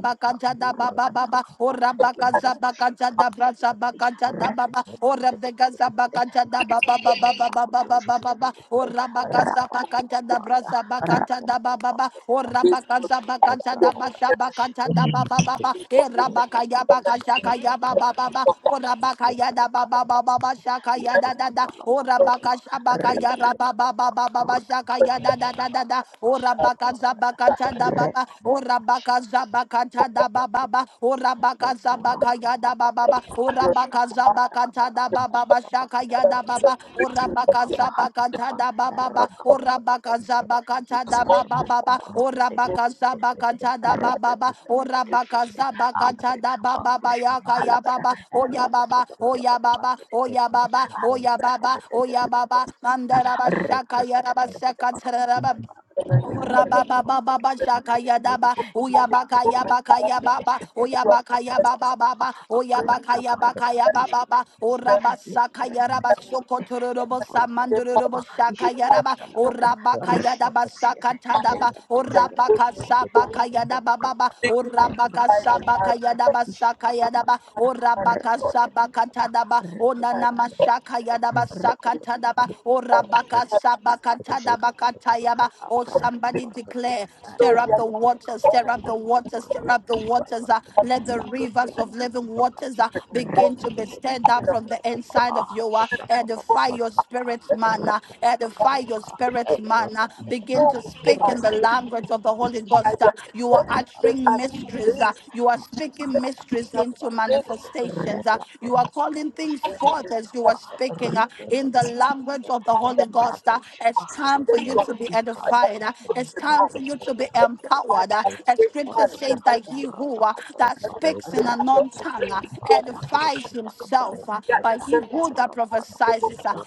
S2: ika
S1: da
S2: pura
S1: Baba Baba,
S2: ada
S1: O baka
S2: Ayanda
S1: zabaka
S2: Bashata
S1: jada brasa
S2: Kapalikiti
S1: baka jada
S2: Rat
S1: baba ora beka zabaka jada
S2: Kakak
S1: baba baba baba baba baba baba
S2: Kutushkitabilite
S1: ora baka zabaka jada
S2: Rapapapaya
S1: brasa baka jada baba
S2: Rapapampam
S1: baba ora baka
S2: Belebambalada
S1: zabaka jada basha
S2: Ebrapapata
S1: baka jada baba baba
S2: Bashikitabilite
S1: era baka ya baka shaka ya
S2: Intapotushikitabilite
S1: baba baba ora
S2: Arakatabilite
S1: baka ya da baba baba
S2: Arakatabilite
S1: baba shaka ya da da da
S2: Liprokotala
S1: ora baka
S2: Pambalada
S1: shabaka ya baba
S2: Ripapapa
S1: baba baba shaka ya da da
S2: Rudapakatibilite
S1: da da
S2: Barakata
S1: ora
S2: Bashata
S1: baka
S2: Kaparakata
S1: zabaka jada baba
S2: Repapapa
S1: ora Rabaka Zabaka
S2: Bushikitabilite
S1: Tada Baba, O Rabaka Zabaka
S2: Mendurutu
S1: Yada Baba,
S2: kubabambeleba.
S1: O
S6: Your
S1: Rabaka
S2: Shkatabrata
S1: Zabaka Tada
S2: kabalakata.
S1: Baba Shaka
S2: Shkatabrata
S1: Yada
S2: kabalakata.
S1: Baba, O Rabaka
S2: Abrukavahati
S1: Zabaka
S2: kaba.
S1: Tada Baba,
S2: Erata
S1: O
S2: kabalata
S1: Rabaka
S2: kabalata.
S1: Zabaka Tada
S6: Thank
S2: Hibakata
S6: you.
S1: Baba,
S2: kabor.
S1: O
S2: Tete
S1: Rabaka
S2: tete tete
S1: Zabaka
S2: tete.
S1: Tada
S2: Rete tete
S1: Baba, O
S2: tete tete
S1: Rabaka
S2: tete.
S1: Zabaka
S2: Amri
S1: Tada Baba
S2: kabakush
S1: Yaka
S2: kabahalakata.
S1: Yababa, O
S2: Erata
S1: Yababa,
S2: kota
S1: O
S2: kota kota kota kota
S1: Yababa,
S2: kota
S1: O
S2: kota.
S1: Yababa, O
S2: Abi kata
S1: Yababa,
S2: tete
S1: O
S2: tete tete
S1: Yababa,
S2: tete tete.
S1: Mandaraba
S2: Repa
S1: Shaka
S2: kota
S1: Yaraba
S2: kota kota
S1: Saka
S2: kota kota kota
S1: Taraba.
S2: kota kota kota. Kete kete kete kete kete kete kete kete.
S1: Orabababababashakayadaba,
S2: Ika
S6: will
S2: murekete
S1: uyabakayabakayababa,
S2: epa pata pata
S1: uyabakayabababa,
S2: akati kabara kati pushkete
S1: uyabakayabakayababa,
S2: belekete nimrekete
S1: orabasakayaraba,
S2: belekete
S1: sokotororobo, samandororobo,
S6: shape
S2: ishada
S6: how you
S1: shakayaraba,
S6: live
S2: kabala
S6: your life.
S2: kata rapa
S1: orabakayadaba,
S2: kushkete
S6: And you should
S1: sakatadaba,
S2: ele
S6: be your
S2: kushkete
S6: true
S2: belekete
S6: stories.
S1: orabakasabakayadabababa,
S2: branda
S6: Take no sign of
S2: embranda pala
S6: man
S2: kata
S6: before.
S1: orabakasabakayadaba,
S2: ishada
S6: No
S2: kabala
S1: sakayadaba,
S6: sign of
S2: kata
S6: man before.
S2: rete
S6: No sign
S2: kete kete
S6: of
S2: kete
S1: orabakasabakatadaba,
S2: rete
S1: onanamasha-
S6: man before.
S2: kete
S1: Shakayadaba
S2: kete kete rete kete kete
S1: Sakatadaba,
S2: kete
S6: And you
S2: kete kete
S6: have to listen.
S2: kana doshete belekaba
S1: Bakatayaba. Oh, somebody declare,
S6: So you
S1: stir up
S6: have to
S1: the
S6: do
S1: waters,
S6: all
S1: stir
S6: the things
S1: up the
S2: Into
S1: waters, stir
S2: borokote
S1: up the
S6: you
S2: boshkete
S6: must.
S1: waters. uh,
S6: You
S2: borekete
S6: have to be
S1: let the
S2: laka
S1: rivers of
S2: kundu
S1: living waters
S2: kubakati
S1: uh,
S6: the
S1: begin
S6: one.
S2: rete
S1: to
S6: You
S1: be
S2: kete kete
S1: stirred up
S2: kete
S6: have to
S1: from the
S2: kele kaba
S1: inside of you. Uh,
S2: shapa papa
S1: edify your
S2: barakata
S1: spirit's manner,
S2: rete kaba la
S1: edify
S2: kaba
S1: your
S6: be the one.
S1: spirit's
S2: eya kata
S1: manner.
S2: mbele
S6: Who
S1: Begin
S6: will
S1: to
S2: kaya
S6: give
S1: speak in
S6: us
S1: the
S2: rete kete
S1: language
S2: kete
S1: of the
S2: kete
S1: Holy
S6: fire?
S2: shete
S1: Ghost. uh,
S2: kete kete
S1: you are
S6: Let us live for
S2: kete
S6: Jesus. Let
S1: uttering
S2: arakete
S6: us
S2: kete
S1: mysteries,
S2: kete
S1: uh,
S2: kete
S1: you are
S2: makuka
S6: live
S1: speaking
S2: kala
S1: mysteries
S2: kata
S6: for
S1: into
S2: kabarakata
S6: Jesus.
S1: manifestations, uh,
S2: rete
S1: you are
S2: toto tuku
S1: calling things
S6: Let your fire live
S2: boshkete
S6: in
S1: forth
S2: hele
S1: as you
S6: us.
S2: kaba
S1: are
S6: Let
S1: speaking. uh,
S2: rite
S1: in the
S2: kete kete
S1: language
S2: kete
S1: of
S6: your
S1: the
S6: fire
S1: Holy
S6: live
S1: Ghost.
S2: embrato
S1: uh,
S6: in
S1: It's
S6: us.
S2: shavahati
S1: time for
S6: Let
S2: kaba
S1: you to be
S2: ikaru
S1: edified. uh, It's
S2: kubambele
S1: time for
S2: kete
S1: you to be
S2: shibrekete bele
S1: empowered. uh,
S6: us
S2: kaba
S1: As
S6: live
S1: scripture
S6: fire in
S2: Borgoto,
S6: the
S1: says that
S6: mighty
S1: he
S6: name of
S1: who uh,
S6: Jesus.
S1: that
S6: Let
S2: Erotokoporoto,
S6: us
S1: speaks in
S6: live
S1: a
S6: for your
S1: non-tongue uh,
S6: strength. Lord,
S2: Rapapapapampaya,
S6: we
S1: edifies
S6: come against
S1: himself, uh,
S6: nuclear
S1: but
S2: Shatakabranapalakata,
S1: he
S6: insanity in
S1: who
S6: the
S1: that
S6: mighty name
S1: prophesies uh,
S2: Erompolokotokoto,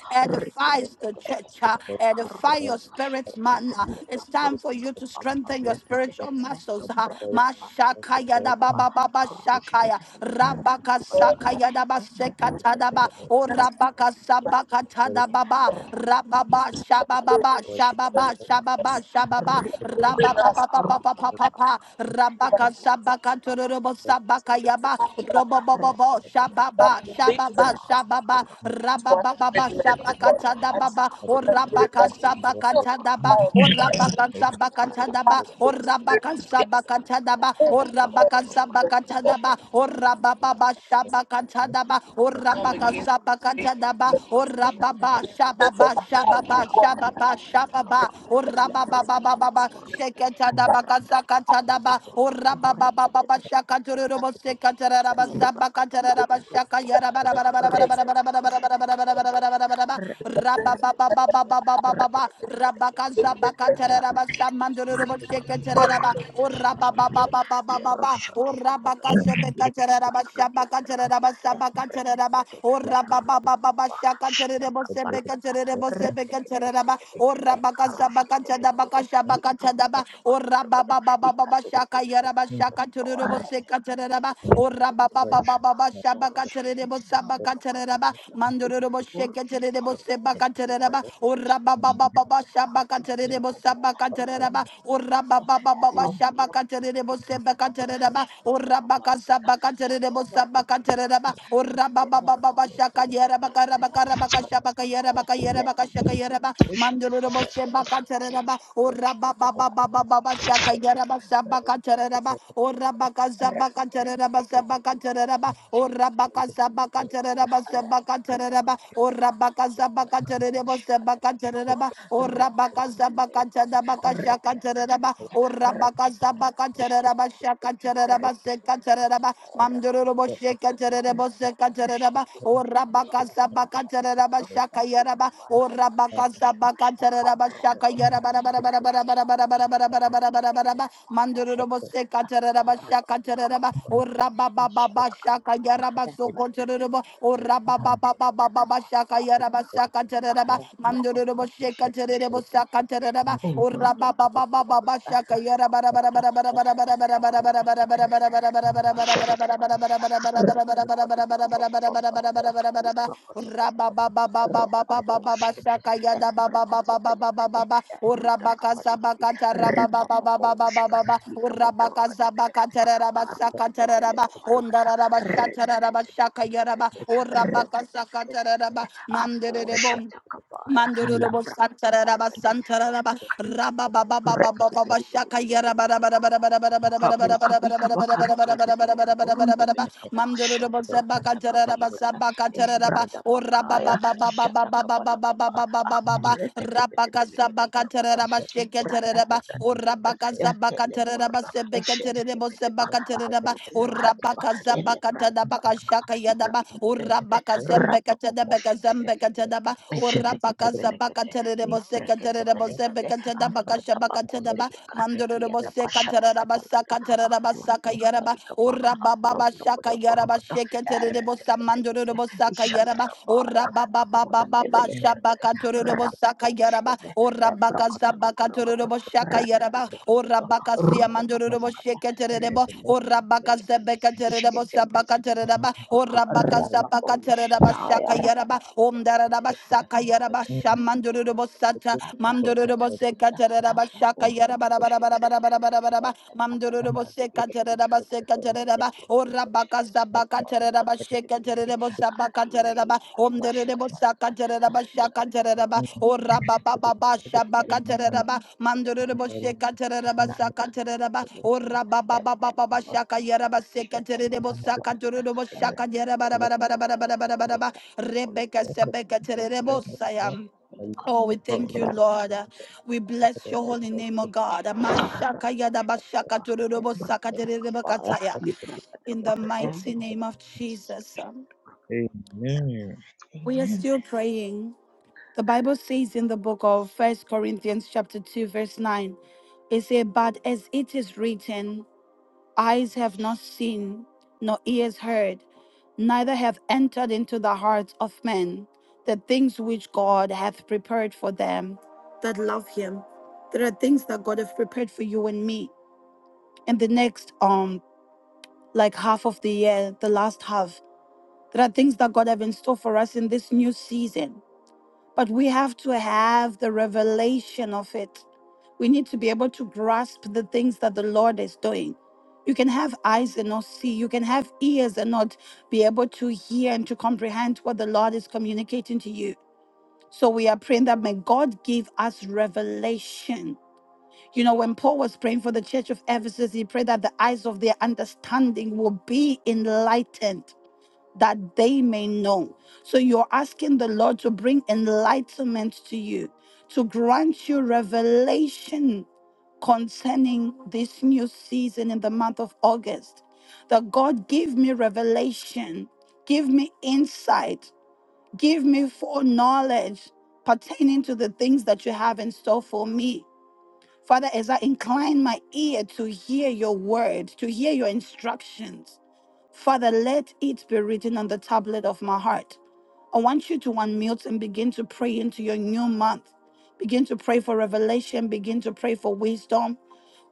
S5: you.
S6: of
S1: edifies the
S6: Jesus.
S1: church. uh,
S2: Riketetetetetetete,
S1: Edify your spirit
S2: Arudakashikete,
S1: man. uh, It's time for you to strengthen your
S2: Likaprokotokopampamtetete,
S1: spiritual muscles. uh, Mashakaya da ba
S2: Nentumbrandampandikidipiatapa,
S1: ba ba ba shakaya. Rabaka
S6: Lord,
S2: Karushkevehelikapurupalakata,
S1: sakaya da ba tadaba,
S2: Embrepetepelebete,
S1: o
S6: yes,
S1: rabaka
S6: but we
S1: sabaka
S6: must
S2: Repetepetepetepete,
S6: pray,
S1: tadababa,
S6: Lord.
S1: rababa shabababa shababa
S2: Rapapapapampampalakadoshiketepetepelepete,
S1: shababa shababa,
S2: Rita
S1: rababa
S2: bakata
S1: papa
S2: aruta
S1: papa papa,
S2: kapalakata.
S1: rabaka
S2: Ekura kata
S1: sabaka tururubo
S2: balanti kia da
S1: sabaka
S2: boşke de
S1: yaba,
S2: de de de. Rata
S1: robobobobo
S2: de de de de de
S1: shababa
S2: de de de de de.
S1: shababa
S2: Kapar
S1: shababa,
S2: kura kata balakata
S1: rababa baba
S2: başka da
S1: shabaka
S2: balakata.
S1: tadababa, o
S2: Akali var
S1: rabaka
S2: kutu kante de
S1: sabaka
S2: kapar
S1: tadaba,
S2: de
S1: o
S2: de de de de de.
S1: rabaka
S2: Ke
S1: sabaka
S2: brata pa
S1: tadaba,
S2: ke
S1: o
S2: brata pa
S1: rabaka
S2: kaprakata
S1: sabaka
S2: kaprakata.
S1: tadaba, o
S2: Ebrokata
S1: rabaka sabaka
S2: kaprakata
S6: Yes.
S2: başka
S1: tadaba,
S2: de de
S1: O
S2: de de de
S1: Rababa.
S2: de. Arata de de de de de de. Kaka
S6: come
S2: kuru
S6: against
S2: kuru kutu.
S6: prayer.
S2: Merushka ve hele kapa.
S6: That's of my heart,
S2: Aşağıda
S6: my God,
S2: kapa. Aşağıda kapa. Mende
S5: No.
S2: prakata kadundulu
S5: Thank
S2: Rekete
S6: and my Lord.
S1: raba, o raba kasebe katere raba shaba katere raba shaba katere raba, o raba ba ba ba ba shaka tere rebo sebe katere rebo sebe katere raba, o raba ka kasaba katere ba kashaba katere ba, o raba ba ba ba ba ba shaka yera ba shaka tere rebo se katere raba, o raba ba ba ba ba ba shaba
S2: Torres
S1: katere rebo saba katere raba, mandoro rebo sheke tere rebo seba katere raba, o raba ba ba ba ba shaba katere rebo saba katere raba, o raba ba ba baba shaba katere bo seba katere ba ora baka shaba katere bo
S2: siapa
S1: saba de ba ora baba baba shaka yera baka raba kara baka shaba kayera baka yera ba shaka yera ba mandoro bo seba katere ba ora baba baba baba shaka yera ba saba katere de ba ora baka shaba katere ba saba de ba ora baka shaba katere ba saba de ba ora baka shaba katere bo seba de ba ora baka shaba Shakataraba, Urabakasa Bakataraba, Shakataraba, Sekataraba, Mamdurubo Shekatarabo Sekataraba, Urabakasa Bakataraba, Shakayaraba, Urabakasa Bakataraba, Shakayaraba, Rabarabarabarabarabarabarabarabarabarabaraba, Mandurubo Sekataraba, Shakataraba, Urabababa, Shakayaraba,
S5: you.
S1: Sokotarabo,
S5: Thank
S1: Urabababa, Shakayaraba, Shakataraba,
S2: Thank you.
S1: Urabakazabakatarabasakataraba, ondarabashakataraba, orabakazakataraba, manderebom. Mandorobo Santaraba Santaraba
S2: Rekete
S1: Rabba Rabba Baba Baba Baba Shaka Yaraba Rabba Rabba Rabba Rabba Rabba Rabba Rabba Rabba
S2: Kabuka
S1: Rabba
S2: bika
S1: Rabba Rabba Rabba
S2: bakarkia de
S1: Rabba Rabba
S2: beleka
S1: Rabba Rabba
S2: burun de
S1: Rabba Rabba
S2: beleka
S1: Mandoro
S2: basha ta
S1: Bosaba
S2: kabrata
S1: Catara
S2: kabalakata
S1: Basaba Cataraba
S2: embrata
S1: or Rabba
S2: bakaya
S1: Baba Baba
S2: jata
S1: Baba Baba
S2: kabalaka
S1: Baba
S2: ba
S1: Baba Baba Baba
S2: ureka de bete beleka de
S1: Rabakasaba
S2: borokoto
S1: Cataraba
S2: embrata ta
S1: Shekataraba
S2: ta ta
S1: or
S2: ta ta
S1: Rabakasaba
S2: ekele
S1: Cataraba
S2: borodo eshete
S1: Sebecaterebo
S2: kebete ba
S1: Sebacateraba
S2: aputu
S1: or
S2: vahadi ba
S1: Rabakazaba
S2: ele brata
S1: Catanabaka
S2: badaka
S1: Shaka
S2: ika
S1: Yadaba or
S2: kubelebe rapa popo
S1: Rabakazembecatanabeca
S2: shekete
S1: Zembecatanaba or
S2: eshete kete
S1: Rabakazaba
S2: belekete ni
S1: Caterebo
S2: brekete
S1: Secaterebo
S2: belekete
S1: Sebecatanabaka
S2: ambrata
S1: Shabakatanaba
S2: bakondeleka
S1: Mandoro
S2: kia da basha ta kabalaka Rada
S1: Bosecatarabasa yaraba
S2: kabali kapa
S1: ora baba
S2: apronda
S1: shaka
S2: poto
S1: yaraba
S2: porokota
S1: shekete de
S2: erte
S1: bosa
S2: kete
S1: mandoro de
S2: kete
S1: bosa ka
S2: ishata
S1: yaraba
S2: kabaya
S1: ora baba baba
S2: akurande
S1: baba
S2: bele
S1: shaba
S2: bergede
S1: katoro de
S2: rapa
S1: bosa ka yaraba
S2: boshkeve
S1: ora baka
S2: brokota
S1: zaba katoro
S2: lokorokodo
S1: de bosa ka
S2: rata
S1: yaraba
S2: tato
S1: ora
S2: tato
S1: baka sia
S2: ruta
S1: mandoro de
S2: kabala
S1: bosa
S2: kata
S1: shekete de bo
S2: rebele kapa
S1: ora baka
S2: bele kati
S1: zebe tere de
S2: ishkete
S1: bosa baka
S2: brekete
S1: tere de
S2: bele
S1: ba
S2: kapa
S1: ora baka
S2: rapa
S1: zaba katere de ba
S2: boshkata ya
S1: shaka yaraba
S2: rakata
S1: om dara de ba saka yaraba shamandoro de bosa ta mandoro de
S5: you.
S1: bosa tere de ba
S2: apa
S1: shaka
S2: urkudu
S1: yaraba bara bara
S2: pushkete
S1: bara bara
S2: bele kete
S1: bara bara bara
S2: eh prakata
S1: Mandorobo
S2: barakidi
S1: Seka Tereba Seka Tereba, O Rabaka Zabaka Tereba Sheka Terebo Sabaka Tereba, Om Derebo Saka Tereba Shaka Tereba, O Rababa Baba Shabaka Tereba, Mandorobo Sheka Tereba Saka Tereba, O Rababa Baba Baba Shaka Yereba Seka Terebo Saka Terebo Shaka Yereba Rebecca Sebeka Terebo Sayam. Oh, we thank you, Lord. Uh, We bless your holy name, oh God. Uh, Mashaka yada
S2: Thank
S1: bashaka
S2: you.
S1: tururubo saka derereba
S2: Yakabrakadakabaya,
S1: kataya. In
S2: librakadaba,
S1: the mighty
S2: embo.
S1: name of Jesus. Um, We are
S2: Amen.
S1: still praying. The Bible says in the book of First Corinthians chapter 2, verse 9, it says, But as it is written, eyes have not seen, nor ears heard, neither have entered into the hearts of men the things which God hath prepared for them that love him. There are things that God hath prepared for you and me. In the next um like half of the year, the last half. There are things that God have in store for us in this new season but we have to have the revelation of it. We need to be able to grasp the things that the Lord is doing. You can have eyes and not see. You can have ears and not be able to hear and to comprehend what the Lord is communicating to you. So we are praying that may God give us revelation. You know, when Paul was praying for the church of Ephesus, he prayed that the eyes of their understanding will be enlightened that they may know. So you're asking the Lord to bring enlightenment to you, to grant you revelation concerning this new season in the month of August. That God give me revelation, give me insight, give me foreknowledge pertaining to the things that you have in store for me. Father, as I incline my ear to hear your word, to hear your instructions, Father, let it be written on the tablet of my heart. I want you to unmute and begin to pray into your new month. Begin to pray for revelation. Begin to pray for wisdom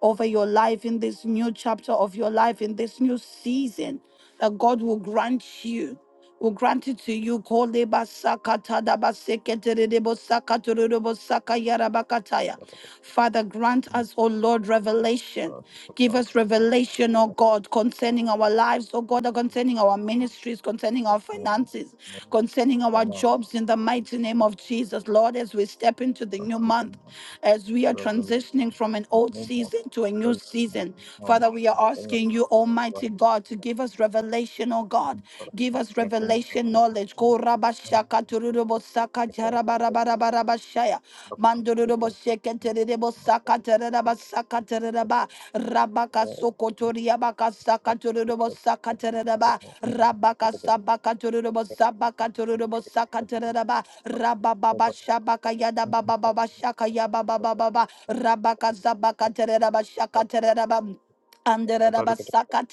S1: over your life in this new chapter of your life, in this new season, that God will grant you will grant it to you. Koleba sakata daba seketerebo sakatorebo sakayarabakataya. Father, grant us, O Lord, revelation. Give us revelation, O God, concerning our lives, O God, concerning our ministries, concerning our finances, concerning our jobs in the mighty name of Jesus. Lord, as we step into the new month, as we are
S5: Amen.
S1: transitioning from an
S5: The
S1: old
S5: movement
S1: season to a new
S5: felt like
S1: season,
S5: No
S1: Father, we are
S5: very No
S1: asking you, Almighty
S5: like
S1: God, to give us revelation, O
S5: the
S1: God.
S5: thing for
S1: Give us revelation knowledge. Go rabashaka turubo saka jarabarabarabarabashaya. Mandurubo sheketerebo saka tereba saka Rabaka sokotoria baka saka turubo saka tereba. Rabaka sabaka turubo sabaka turubo saka tereba. Rabababa shabaka yada baba baba shaka yaba baba baba. Rabaka zabaka tereba shaka tereba. Anderabasaka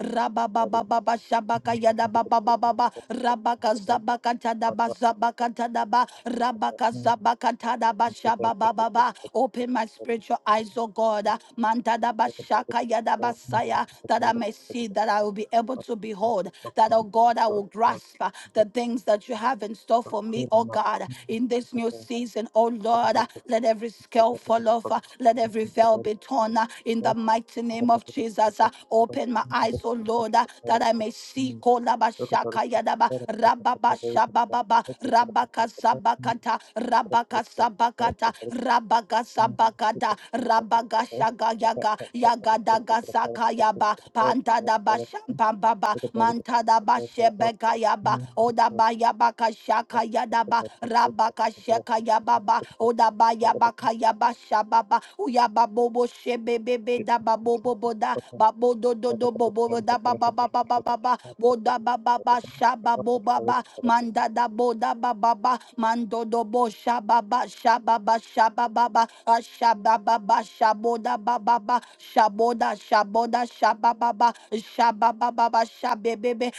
S1: Rabababa Shabaka yada Yadababa Rabaka Zabaka Tadaba Zabaka tada ba Rabaka Zabaka tada ba
S5: Thank
S1: Shababa. baba. Open my spiritual eyes, oh God. Mantada ba Shaka yada Yadabasaya that I may see, that I will be able to behold, that oh God I will grasp the things that you have in store for me, oh God, in this new season, oh Lord. uh, Let every scale fall off, uh, let every veil be torn uh, in the mighty name of Jesus. uh, Open my eyes, oh Lord, uh, that I may see. Kolabashaka yadaba, rababashabababa, rabakasabakata,
S5: you. Thank
S1: rabakasabakata, yakada rabagashaga yaga yagada gazaka yaba panda da bashamba baba mantada da bashebeka yaba oda ba yaba kashaka yadaba rabaka sheka yababa oda ba yaba kayaba shababa uyaba bobo shebebe da babobo da babo do do do bobo da ba ba ba ba ba ba boda baba ba shaba boba ba
S5: you.
S1: manda da boda baba ba mando do bo shaba ba shaba ba shaba baba shaba baba shaboda baba ba shaboda shaboda shaba baba shaba baba ba shabe bebe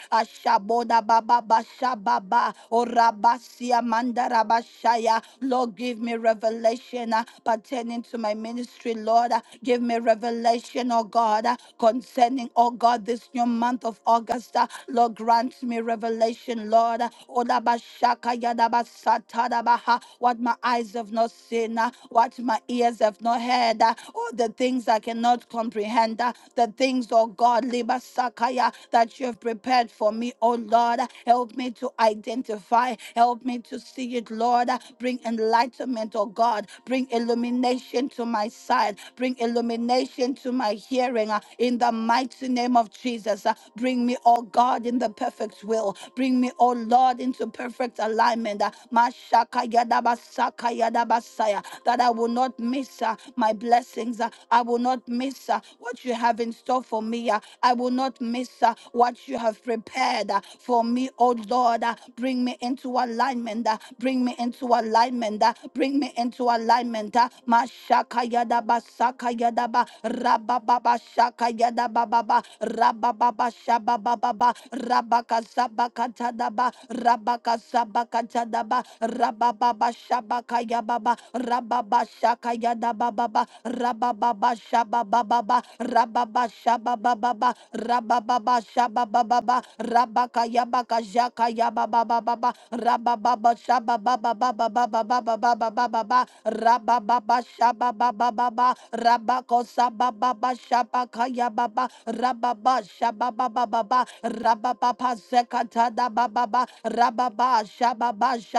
S1: shaboda baba ba shaba ba orabasia manda rabashaya Lord give me revelation uh, pertaining to my ministry Lord Uh, give me revelation oh God uh, concerning oh God this new month of August uh, Lord, grant me revelation, Lord. Odabashaka yadabasatadabaha. What my eyes have not seen, uh, what my ears have not heard, uh, all the things I cannot comprehend. uh, the things, oh God, Libasakaya, that you have prepared for me, oh Lord. Help me to identify, help me to see it, Lord. Bring enlightenment, oh God. Bring illumination to my sight, bring illumination to my hearing uh, in the mighty name of Jesus. uh, Bring me, oh God, in the perfect will. Bring me, oh Lord, into perfect alignment. uh, Mashakayadabasakayadabasaya, That I will not miss uh, my blessing blessings. uh, I will not miss uh, what you have in store for me. uh, I will not miss uh, what you have prepared uh, for me, oh Lord. uh, Bring me into alignment. uh, Bring me into alignment. uh, Bring me into alignment. uh, Mashaka yadaba saka yadaba rabababa shaka yadaba baba rabababa shababa baba rabaka sabaka tadaba rabaka sabaka tadaba rabababa shabaka yababa rababa shaka yada bababa rababa shaba bababa rababa shaba bababa rababa shaba bababa rabaka yabaka jaka yaba bababa rababa shaba bababa bababa bababa bababa rababa shaba bababa rabako saba baba shaba kaya baba rababa shaba bababa rababa sekata da bababa rababa shaba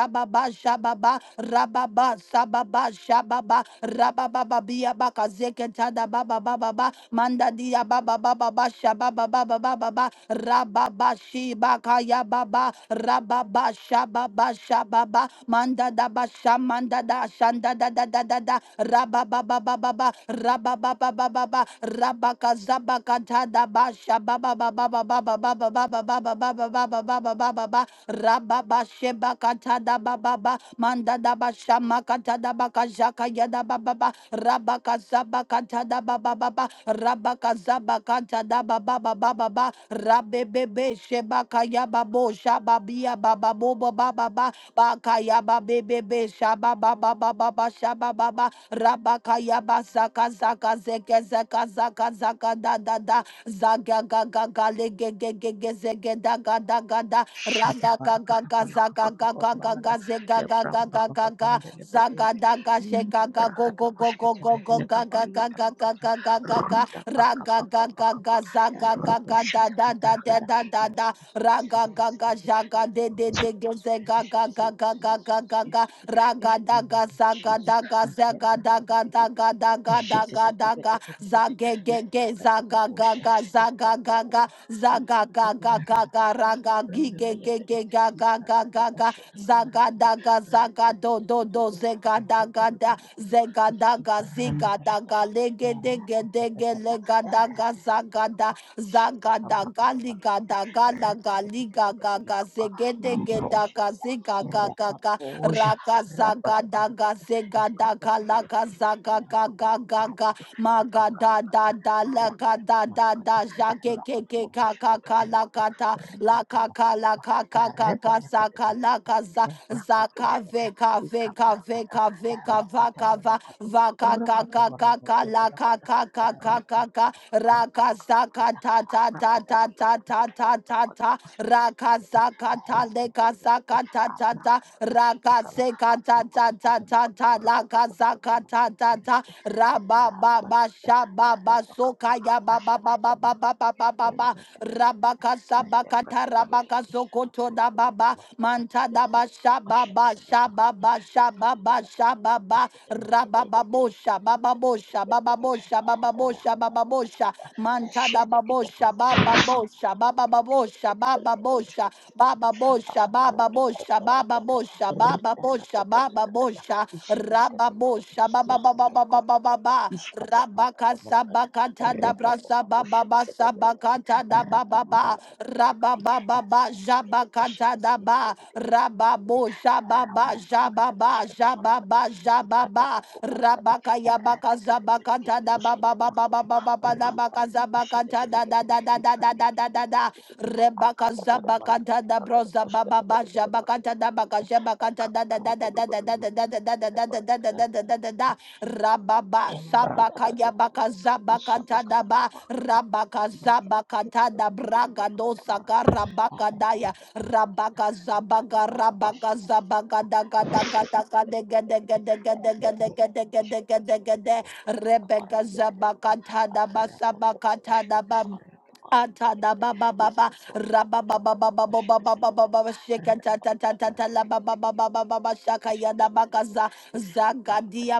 S1: Baba ba shababa rababa sababa shababa rababa biya baka zeketa da baba baba ba manda dia baba baba ba shababa baba baba ba rababa shiba kaya baba rababa shababa shababa manda da ba shamanda da shanda da da da da da rababa baba baba rababa baba baba rabaka zabaka tada ba shababa baba baba baba baba baba baba baba baba baba Baba Rababa sheba kata da baba ba manda da ba shama kata da baka jaka ya da baba ba rabaka zaba kata da baba baba rabaka zaba kata da baba baba baba rabebebe sheba kaya babo shaba bia baba bobo baba ba baka ya babebebe shaba baba baba ba shaba baba rabaka ya ba zaka zaka zeke zeka zaka zaka da da da zaga ga ga ga le ge ge ge ge zege da ga da ga da
S2: Shada
S1: Rada ga ga
S2: barakata
S1: ga za
S2: balaka
S1: ga
S2: baba
S1: ga ga ga
S2: bambalada
S1: ga ze ga
S2: le
S1: ga ga
S2: bramba
S1: ga
S2: baba
S1: ga ga
S2: bambele
S1: za ga
S2: berere
S1: da ga she
S2: mindi
S1: ga ga go
S2: brahatu
S1: go go go
S2: kushkete
S1: go go
S2: vehele
S1: ga ga
S2: kabari ya
S1: ga ga ga ga ga ga ga
S2: ruda
S1: ra
S2: baka
S1: ga
S2: baka
S1: ga ga
S2: baka
S1: ga
S2: ba
S1: za
S2: ya
S1: ga ga
S2: rabo
S1: ga da
S2: shata
S1: da da da
S2: kabarakada
S1: da da
S2: not
S1: da
S2: constant
S1: ra ga ga ga ja ga de de de ge ze ga ga ga ga ga ga ga ga ra
S2: in
S1: ga
S2: the
S1: da
S2: name
S1: ga
S2: of
S1: za ga
S2: Jesus
S1: da ga
S2: and
S1: ze
S2: then
S1: ga da ga
S2: brahatu
S1: da ga da ga da ga da ga za
S2: Ishididididididididi.
S1: ge ge ge za ga ga
S2: Labrakadabakusha.
S1: ga za ga ga ga
S2: Ikapokuba.
S1: Zaga ga ga ga
S2: Iyakatabalarba.
S1: ga ra ga gi ge ge
S2: Elebrandebelebele.
S1: ge ga ga ga ga ga zaga
S2: Librakadabashadakabarakadi.
S1: da ga zaga do do do
S2: Retetetetetetetu.
S1: zega da ga da
S2: Urokodobolokodo.
S1: zega da ga ziga da ga
S2: Ikibrandabalakada.
S1: lege de ge de ge
S2: Eratatatata.
S1: lega da ga zaga da
S2: Eratatatatakapa.
S1: zaga da ga liga
S2: Shatakabrakadabalakadi.
S1: da ga da ga liga ga ga
S2: Retetetetetetetelekapa.
S1: zege de ge da ga
S2: Nambroshkata.
S1: ziga ga ga ga
S2: Rabapoja.
S1: ra ga zaga da ga
S2: Rabadabarakada.
S1: zega da ga la ga zaga
S2: Ebrakadabalakada.
S1: ga ga ga ga
S2: Abracadabra,
S1: Ma ga
S2: shakabala,
S1: da da da la
S2: abracadabra,
S1: ga da da da ja ke
S2: abracadabra,
S1: ke ke ka ka ka la ka ta la ka ka la ka ka ka ka
S2: abracadabra,
S1: sa ka la ka za za ka ve ka ve ka ve ka ve ka va ka va va ka
S2: abracadabra,
S1: ka ka ka ka la ka ka ka ka ka ka ra ka za ka ta ta ta ta ta ta ta ta ta ra ka za ka ta le ka za ka ta ta ta ra ka ze ka ta ta ta ta ta la ka za ka ta da da da
S2: abracadabra,
S1: ra ba ba ba
S2: Embrabanakada,
S1: sha ba ba so
S2: Arabakapa,
S1: ka ya ba ba ba ba ba ba ba
S2: Ashatakamurakati,
S1: ba ba ba ra ba
S2: Imbrakadabalakada,
S1: ka sa ba ka ta ra ba ka
S2: Mendebrakadabalakada,
S1: so ko to da ba ba
S2: Apurkutamurakada,
S1: manta da ba
S2: Leprakada,
S1: sha ba ba sha ba
S2: Ashatakadamurakada,
S1: ba sha ba ba sha ba
S2: Lakadakadabarakada,
S1: ba ra ba ba bo sha ba ba bo sha ba
S2: Pushkatamurakada,
S1: ba bo sha ba ba bo
S2: Ramba
S1: sha ba ba bo sha manta da ba bo sha ba ba bo sha ba ba ba bo sha ba ba bo sha ba ba bo sha ba ba bo sha ba ba bo sha ba ba bo sha ba ba bo sha Rababo Shabababababababa Rabaka Sabakata da Brasa Baba Sabakata da Baba Rabababa Jabakata da Ba Rababo Shababa
S2: kala kata pas
S1: Jababa
S2: kata para kata
S1: Jababa
S2: kata
S1: Jababa
S2: pokok para kata
S1: Rabaka Yabaka
S2: Rakata
S1: Zabakata da Baba Baba Baba Baba Zabaka Zabakata da da da da da da da da da Rebaka Zabaka Dada Broza Baba Baja Bakata Dabaka Jabakata Dada Dada Dada Dada Dada Dada Dada Dada Dada Dada Da Rababa Sabaka Yabaka Zabaka Tadaba Rabaka Zabaka Tada Braga Dosaka Rabaka Daya Rabaka Zabaga Rabaka Zabaga Daga Daga Daga Dega Dega Dega Dega Dega Dega Dega Dega Dega Rebecca Zabaka Tada Basabaka Ata da ba ba ba ba ra ba ba ra ba ba ba ba ba ba ba ba baba shaka ta ta ta ta ta la ba ba ba ba ba ba baba shaka ya da ba ka za za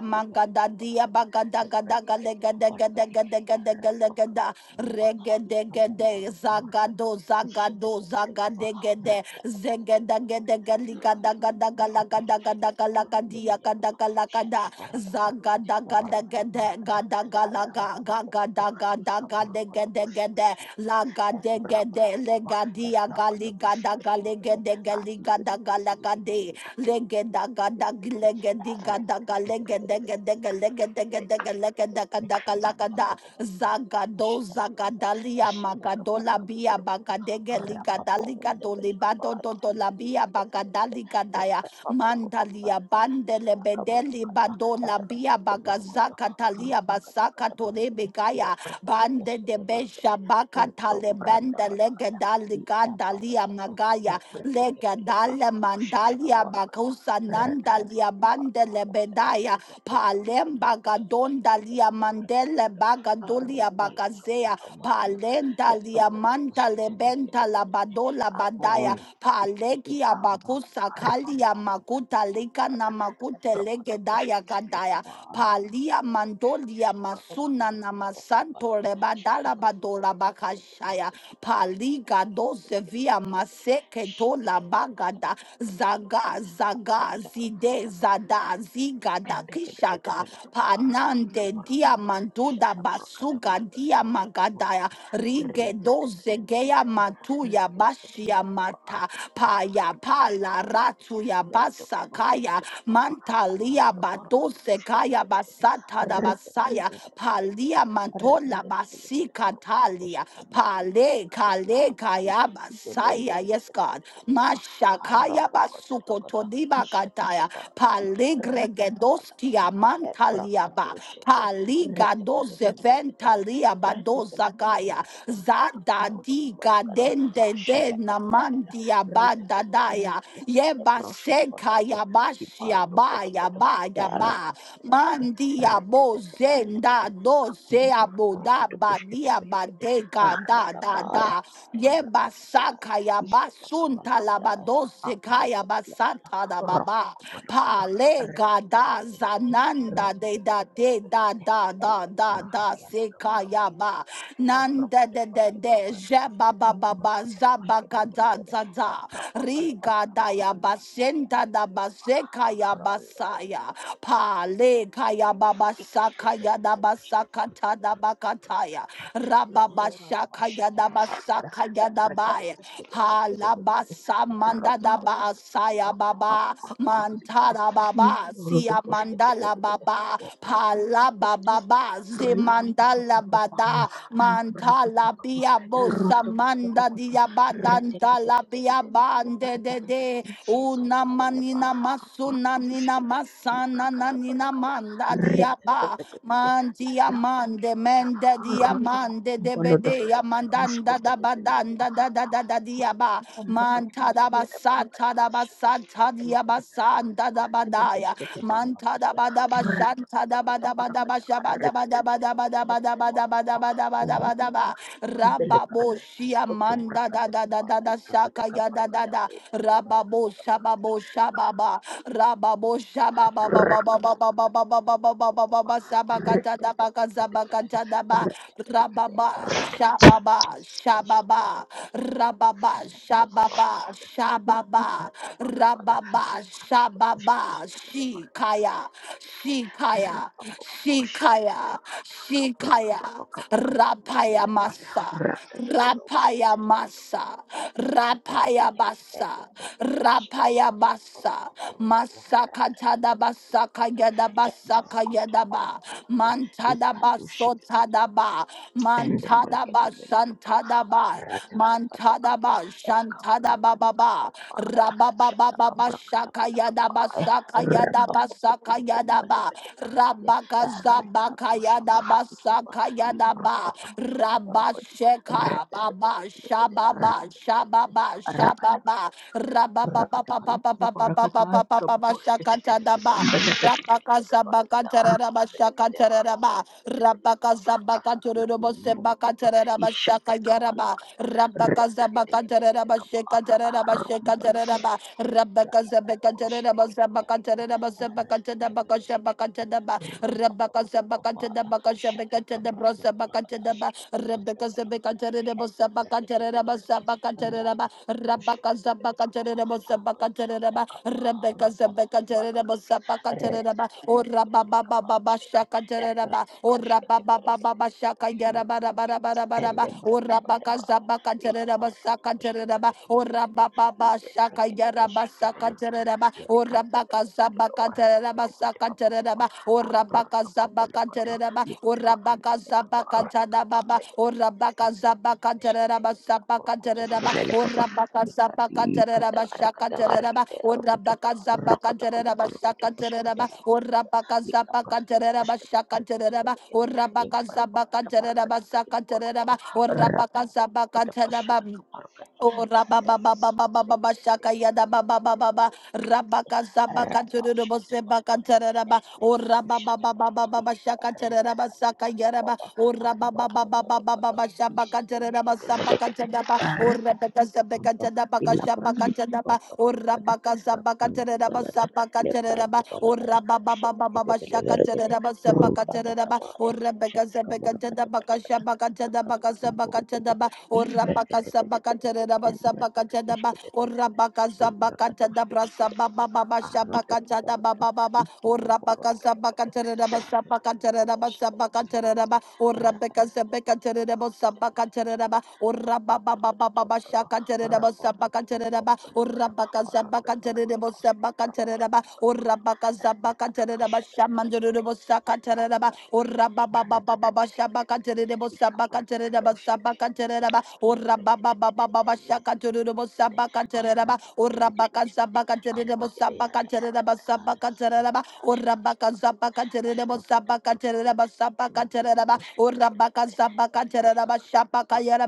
S1: mangada dia baga da dia ba ga da ga da ga
S2: Ebrekete
S1: le ga da ga de
S2: kubarakati.
S1: ga de ga de ga le ga da
S2: Erapakakamba.
S1: rege de ge de za
S2: Ikamambalukumarakati.
S1: zagado
S2: Ishetekepelekaba.
S1: zagade ge de zege da
S2: Ratakatakatakaba.
S1: ge de ge li ga da ga da ga la ga da ga da ga la ga dia ga da ga la ga da zagada ga da ga de ge de ga da ga la ga ga ga da ga da ga de ge de ge de La gade gede le gadia gali gada gale gede gali gada gala gade le gada gada le gedi gada gale gede gede gale gede gede gale gede gada gala gada zagado zagadalia
S2: Shut
S1: magadola bia
S2: up,
S1: bagadege ligada ligado libado dodo la bia bagadali gadaya mandalia bandele bedeli badola bia bagazaka talia basaka torebe begaya. Bande de Besha Bakatale Bende Legedali Gadalia Magaya Legedale Mandalia Bakusa Nandalia Bande Lebedaya palemba gadondalia mandele bagadolia
S2: Arubala
S1: bagazea
S2: kabaka mahala,
S1: palenda lia
S2: leprokot
S1: manta
S2: ushketebra
S1: lebenta
S2: kedebelegede
S1: labadola badaya
S2: abon
S1: paleki
S2: ibambala
S1: abakusa
S2: haribamba
S1: kalia
S2: kadibidi
S1: makuta lika
S2: bambala
S1: na
S2: da
S1: makute
S2: prokoto
S1: legedaya
S2: ushkete pleka
S1: gadaya
S2: maru
S1: palia mandolia
S2: kabadi
S1: masuna
S2: bidi
S1: na
S2: bidi bambala
S1: masanto
S2: da shita
S1: rebadala
S2: kaboko
S1: badola
S2: to prokoto
S1: bakashaya
S2: markati ike
S1: paliga doze via maseke
S2: shita
S1: tola
S2: kaboko to kada
S1: bagada
S2: kada kada
S1: zaga zaga
S2: kada kada
S1: zide zada zigada kishaga panande dia manduda basuga dia magadaya rige doze geya matuya bashia mata paya pala ratuya basakaya mantalia badose kaya basata da basaya palia mantola basika talia pale kale kaya basaya yes God mashakaya Todiba
S2: Ishata
S1: kataya,
S2: kabara
S1: todibakataya,
S2: Ratakabalagada,
S1: paligregedoskia mantaliaba,
S2: Ebrakatoshete, Retekebembelede,
S1: paligadozeventaliaba
S2: Lebrendebelebede,
S1: dozagaya,
S2: Kakurudokubalagada,
S1: zadadigadendede
S2: Ashadakabalagada,
S1: namandiabadadaya,
S2: Ratakabambaladia, Lebroshkubalagada, Kibarudobalagada,
S1: yebasekayabashiabayaba,
S2: Lereketebelekede, Retetekebelekede,
S1: badia
S2: Kakumburkurudokushketebelekede,
S1: badega da da
S2: Aradabaya,
S1: da. Yeba
S2: Ambrakadabaya,
S1: saka ya
S2: Ishadakabalagada,
S1: badose kaya basata da baba.
S2: Ambrakadalagada,
S1: Pa le
S2: Ambrolle
S1: da zananda de da de da da da da da sekaya ba. Nanda de de de jeba baba ba ba da za Riga da ya basenta da basekaya basaya. Pa le kaya baba sakaya
S2: Ambrata
S1: da basakata ta da bakataya. Rababa shakaya da basakaya da baya. Palabasa mandada ba saya baba mantara baba siya mandala baba palaba baba zimandala bada mantala bia bosa manda dia badanta la bia bande de de una manina masuna nina masana na nina manda dia ba
S2: Repetete, la
S1: mandia
S2: branda palapata,
S1: mande manda dia
S2: arota
S1: mande de
S2: kumbalodo,
S1: bede ya
S2: eruske
S1: mandanda da
S2: pedepele kapa,
S1: badanda da da da da dia ba
S2: pamba pati
S1: manta
S2: piti
S1: da
S2: piada parakata
S1: basata da
S2: ashe
S1: basata
S2: pedepele
S1: dia
S2: pede pele,
S1: basanda da
S2: rekete
S1: badaya
S2: beskete bamba
S1: manta da
S2: patia,
S1: bada
S2: rata
S1: bashanta
S2: kata
S1: da
S2: kata
S1: bada bada
S2: parakata,
S1: bashaba da
S2: rekete
S1: bada
S2: kete
S1: bada
S2: kete
S1: bada
S2: pele
S1: bada
S2: kete
S1: bada
S2: parakata,
S1: bada bada bada
S2: uru
S1: bada ba
S2: kati pambele ka,
S1: rababo shia
S2: eskoto
S1: manda da
S2: brakata
S1: da da
S2: kaba,
S1: da da
S2: ikabada
S1: shaka ya da da
S2: kabarakata,
S1: da
S2: ikada parakata
S1: rababo shababo
S2: parakata,
S1: shababa rababo shababa Rababa Shababa Shababa Rababa Shababa Shababa Rababa Shababa Shikaya Shikaya Shikaya Shikaya Rapaya Masa
S2: Rakata
S1: Rapaya masa, rapaya basa, rapaya basa, masaka tada basa kaya da basa kaya da ba,
S2: Ikat
S1: mantada baso tada ba,
S2: Ende
S1: mantada
S2: brekete
S1: ba
S2: bele kapa,
S1: shantada ba,
S2: arata kapa la
S1: mantada
S2: kapa,
S1: ba
S2: eka kura
S1: shantada ba ba
S2: kati kapa
S1: ba,
S2: mbaya,
S1: rababa ba
S2: shata
S1: ba ba
S2: kabra kata
S1: shaka
S2: bala
S1: ya da
S2: kapa,
S1: basa kaya da
S2: reba papa
S1: basa
S2: papa
S1: kaya da
S2: mbale
S1: ba,
S2: bete berekete,
S1: rabaka
S2: erika
S1: zabaka
S2: tu
S1: ya
S2: shava hati
S1: da
S2: kapa, libro
S1: Rakayadaba,
S2: kota papa mbaro kodi,
S1: Rabasheka,
S2: repete bete
S1: Baba,
S2: bele kete,
S1: Shababa,
S2: arakete kete kete,
S1: Shababa,
S2: arakete
S1: Shababa, Rabababa,
S2: Rakatakalakita parakatahi kapakuakita
S1: Shakatadaba, Rabakazabakataraba,
S2: parakatarakita
S1: Shakataraba, Rabakazabakaturbo,
S2: kakakumurukutu
S1: Sebakataraba,
S2: ishata
S1: Shakagaraba,
S2: kabalakata retekete
S1: Rabakazabakataraba,
S2: kapa
S1: Shekataraba, Shekataraba,
S2: Rakata Bokoshi
S1: Rabakazabakataraba,
S2: Kitamelete,
S1: Zabakataraba,
S2: Aratekabit,
S1: Zabakataraba, Shabakataraba,
S2: Rupa
S1: Rebecca Zebaka to the
S2: Papaya,
S1: Baka Shebeka
S2: Shataka
S1: to the
S2: Branda
S1: Brosabaka to
S2: Balakada,
S1: the Ba,
S2: Shakata Branda
S1: Rebecca Zebeka
S2: Balakada,
S1: to the
S2: Elda
S1: Bosabaka to the
S2: Bracatabilicape,
S1: Basabaka to the
S2: Rapa
S1: Ba,
S2: Bokoshi
S1: Rabaka Zabaka to
S2: Bedekapa,
S1: the Bosabaka to the
S2: Armada
S1: Ba,
S2: Kapa,
S1: Rebecca
S2: Armada
S1: Zebeka to the
S2: Kapalakada,
S1: Bosabaka to the Ba, O Rababa Baba
S2: Retekabilicapa,
S1: Baba
S2: Meleve,
S1: Shaka to the Ba,
S2: Ebrana
S1: O
S2: Koshkete
S1: Rababa Baba
S2: Berekete.
S1: Baba Shaka Yaraba rabba Barabara
S2: Ende
S1: Baraba, O Rabaka
S2: brakabadabaya.
S1: Zabaka to
S2: Ila
S1: the
S2: barakatu
S1: Basaka to the
S2: kushkete
S1: Ba,
S2: bele
S1: O
S2: barakete.
S1: Rababa
S2: Ile
S1: Shaka
S2: brakete beshete bele
S1: Yarabasaka
S2: kete.
S1: terereba,
S2: Le
S1: ora
S2: brakete
S1: baka
S2: kete kete
S1: zabaka
S2: warre
S1: terereba
S2: pete pete
S1: saka
S2: papa papa.
S1: terereba, ora baka
S2: Abrato kabalo
S1: zabaka
S2: kato.
S1: terereba,
S2: Lukuba
S1: ora baka
S2: andele kaba
S1: zabaka
S2: arakaba
S1: tadababa,
S2: pambele kete.
S1: ora baka
S2: Nika kete
S1: zabaka
S2: beshkete
S1: terereba
S2: bele kaboro
S1: sabaka
S2: koto.
S1: terereba,
S2: Bele kaba.
S1: ora baka
S2: Nika
S1: zabaka
S2: di kata
S1: terereba shaka
S2: arakata
S1: terereba,
S2: arakete
S1: ora
S2: arokoto.
S1: baka zabaka
S2: Rokoto koto
S1: terereba
S2: koto koto
S1: shaka
S2: koto
S1: terereba,
S2: koto koto
S1: ora
S2: koto.
S1: baka
S2: Nika
S1: zabaka
S2: brakete
S1: terereba
S2: beshkete
S1: shaka
S2: brakete
S1: terereba,
S2: bele kete.
S1: ora baka
S2: Rupa
S1: zabaka terereba saka terereba, ora baka zabaka tadababa. Oh, rabba ba ba ba ba ba ba ba shaka yada ba ba ba ba ba rabba ka zaba ka tururu bo seba ka tarara ba oh rabba ba ba ba ba ba ba shaka tarara ba saka yara ba oh rabba ba ba ba ba ba ba ba shaba ka tarara ba saba ka tada ba oh rabba ka zaba ka tada ba ka shaba ka tada ba oh rabba ka zaba ka tarara ba saba ka tarara ba oh rabba ba ba ba ba ba shaka tarara ba saba ka tarara ba oh rabba ka zaba ka tada ba ka
S2: Shatakabarakatabarakata,
S1: shaba ka tada ba ka saba ka
S2: kakakukumburukutu,
S1: tada ba Orabaka
S2: ibreketebelekete,
S1: Sabakata Raba Sabakata Daba,
S2: embreketebeshketebelekete,
S1: Orabaka Sabakata Dabra
S2: imbrakatoshketebelekete,
S1: Sababa Baba Shabakata Daba
S2: arotokoboloto,
S1: Baba, Orabaka
S2: ikukuborondolokoto,
S1: Sabakata Raba Sabakata
S2: shatakabarakate,
S1: Raba Sabakata Raba,
S2: shatakabarakate,
S1: Orabaka Sabakata Raba
S2: rakatakatabarakat,
S1: Sabakata Raba, Orababa Baba Baba baba
S2: aprototototototo,
S1: Shakata Raba Sabakata Raba,
S2: rapapapapapalapata,
S1: Orabaka Sabakata
S2: arandapalakata,
S1: Raba Sabakata
S2: asalapalakata,
S1: Raba,
S2: pampalakata,
S1: Orabaka Sabakata Raba Shamandurabo Sakata Raba,
S2: embrakatabasyatakabalakata,
S1: Ora ba ba ba ba ba ba shaba ka de bo shaba ka de ba shaba ka de ba. Ora ba ba ba ba ba ba shaka tere de bo shaba ka de ba. Ora ba ka shaba ka de bo shaba ka de ba shaba ka de ba. Ora ba ka shaba ka de bo shaba ka de ba shaba ka de ba. Ora ba ka shaba ka de ba shaba ka yera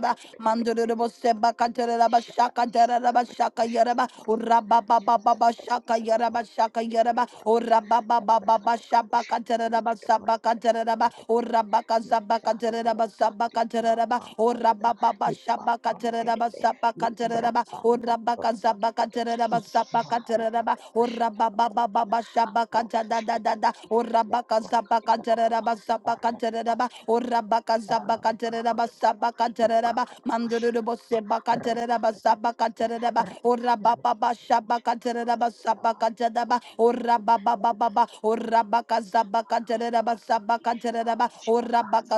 S1: ba. Mandurabo Seba Kataraba Shaka Daraba Shaka Yaraba, Uraba Baba Baba Shaka Yaraba Shaka Yaraba, Uraba Baba Baba
S2: Arti
S1: Shaba Kataraba Saba Kataraba, Uraba Kazaba Kataraba Saba Kataraba, Uraba Baba Shaba Kataraba Saba Kataraba, Uraba Kazaba Kataraba Saba Kataraba, Uraba Baba Baba Shaba Katada Dada, Uraba Kazaba Kataraba Saba Kataraba, Uraba Kazaba Kataraba Saba Mandoro bosse bakatereba
S2: kita
S1: basabakatereba ora baba
S2: milik
S1: basha bakatereba
S2: kamu
S1: basabakatereba ora
S2: Arrete,
S1: baba baba ba ora
S2: Maroto
S1: bakazabakatereba
S2: Komordi,
S1: basabakatereba
S2: Marushi
S1: ora
S2: Pahana,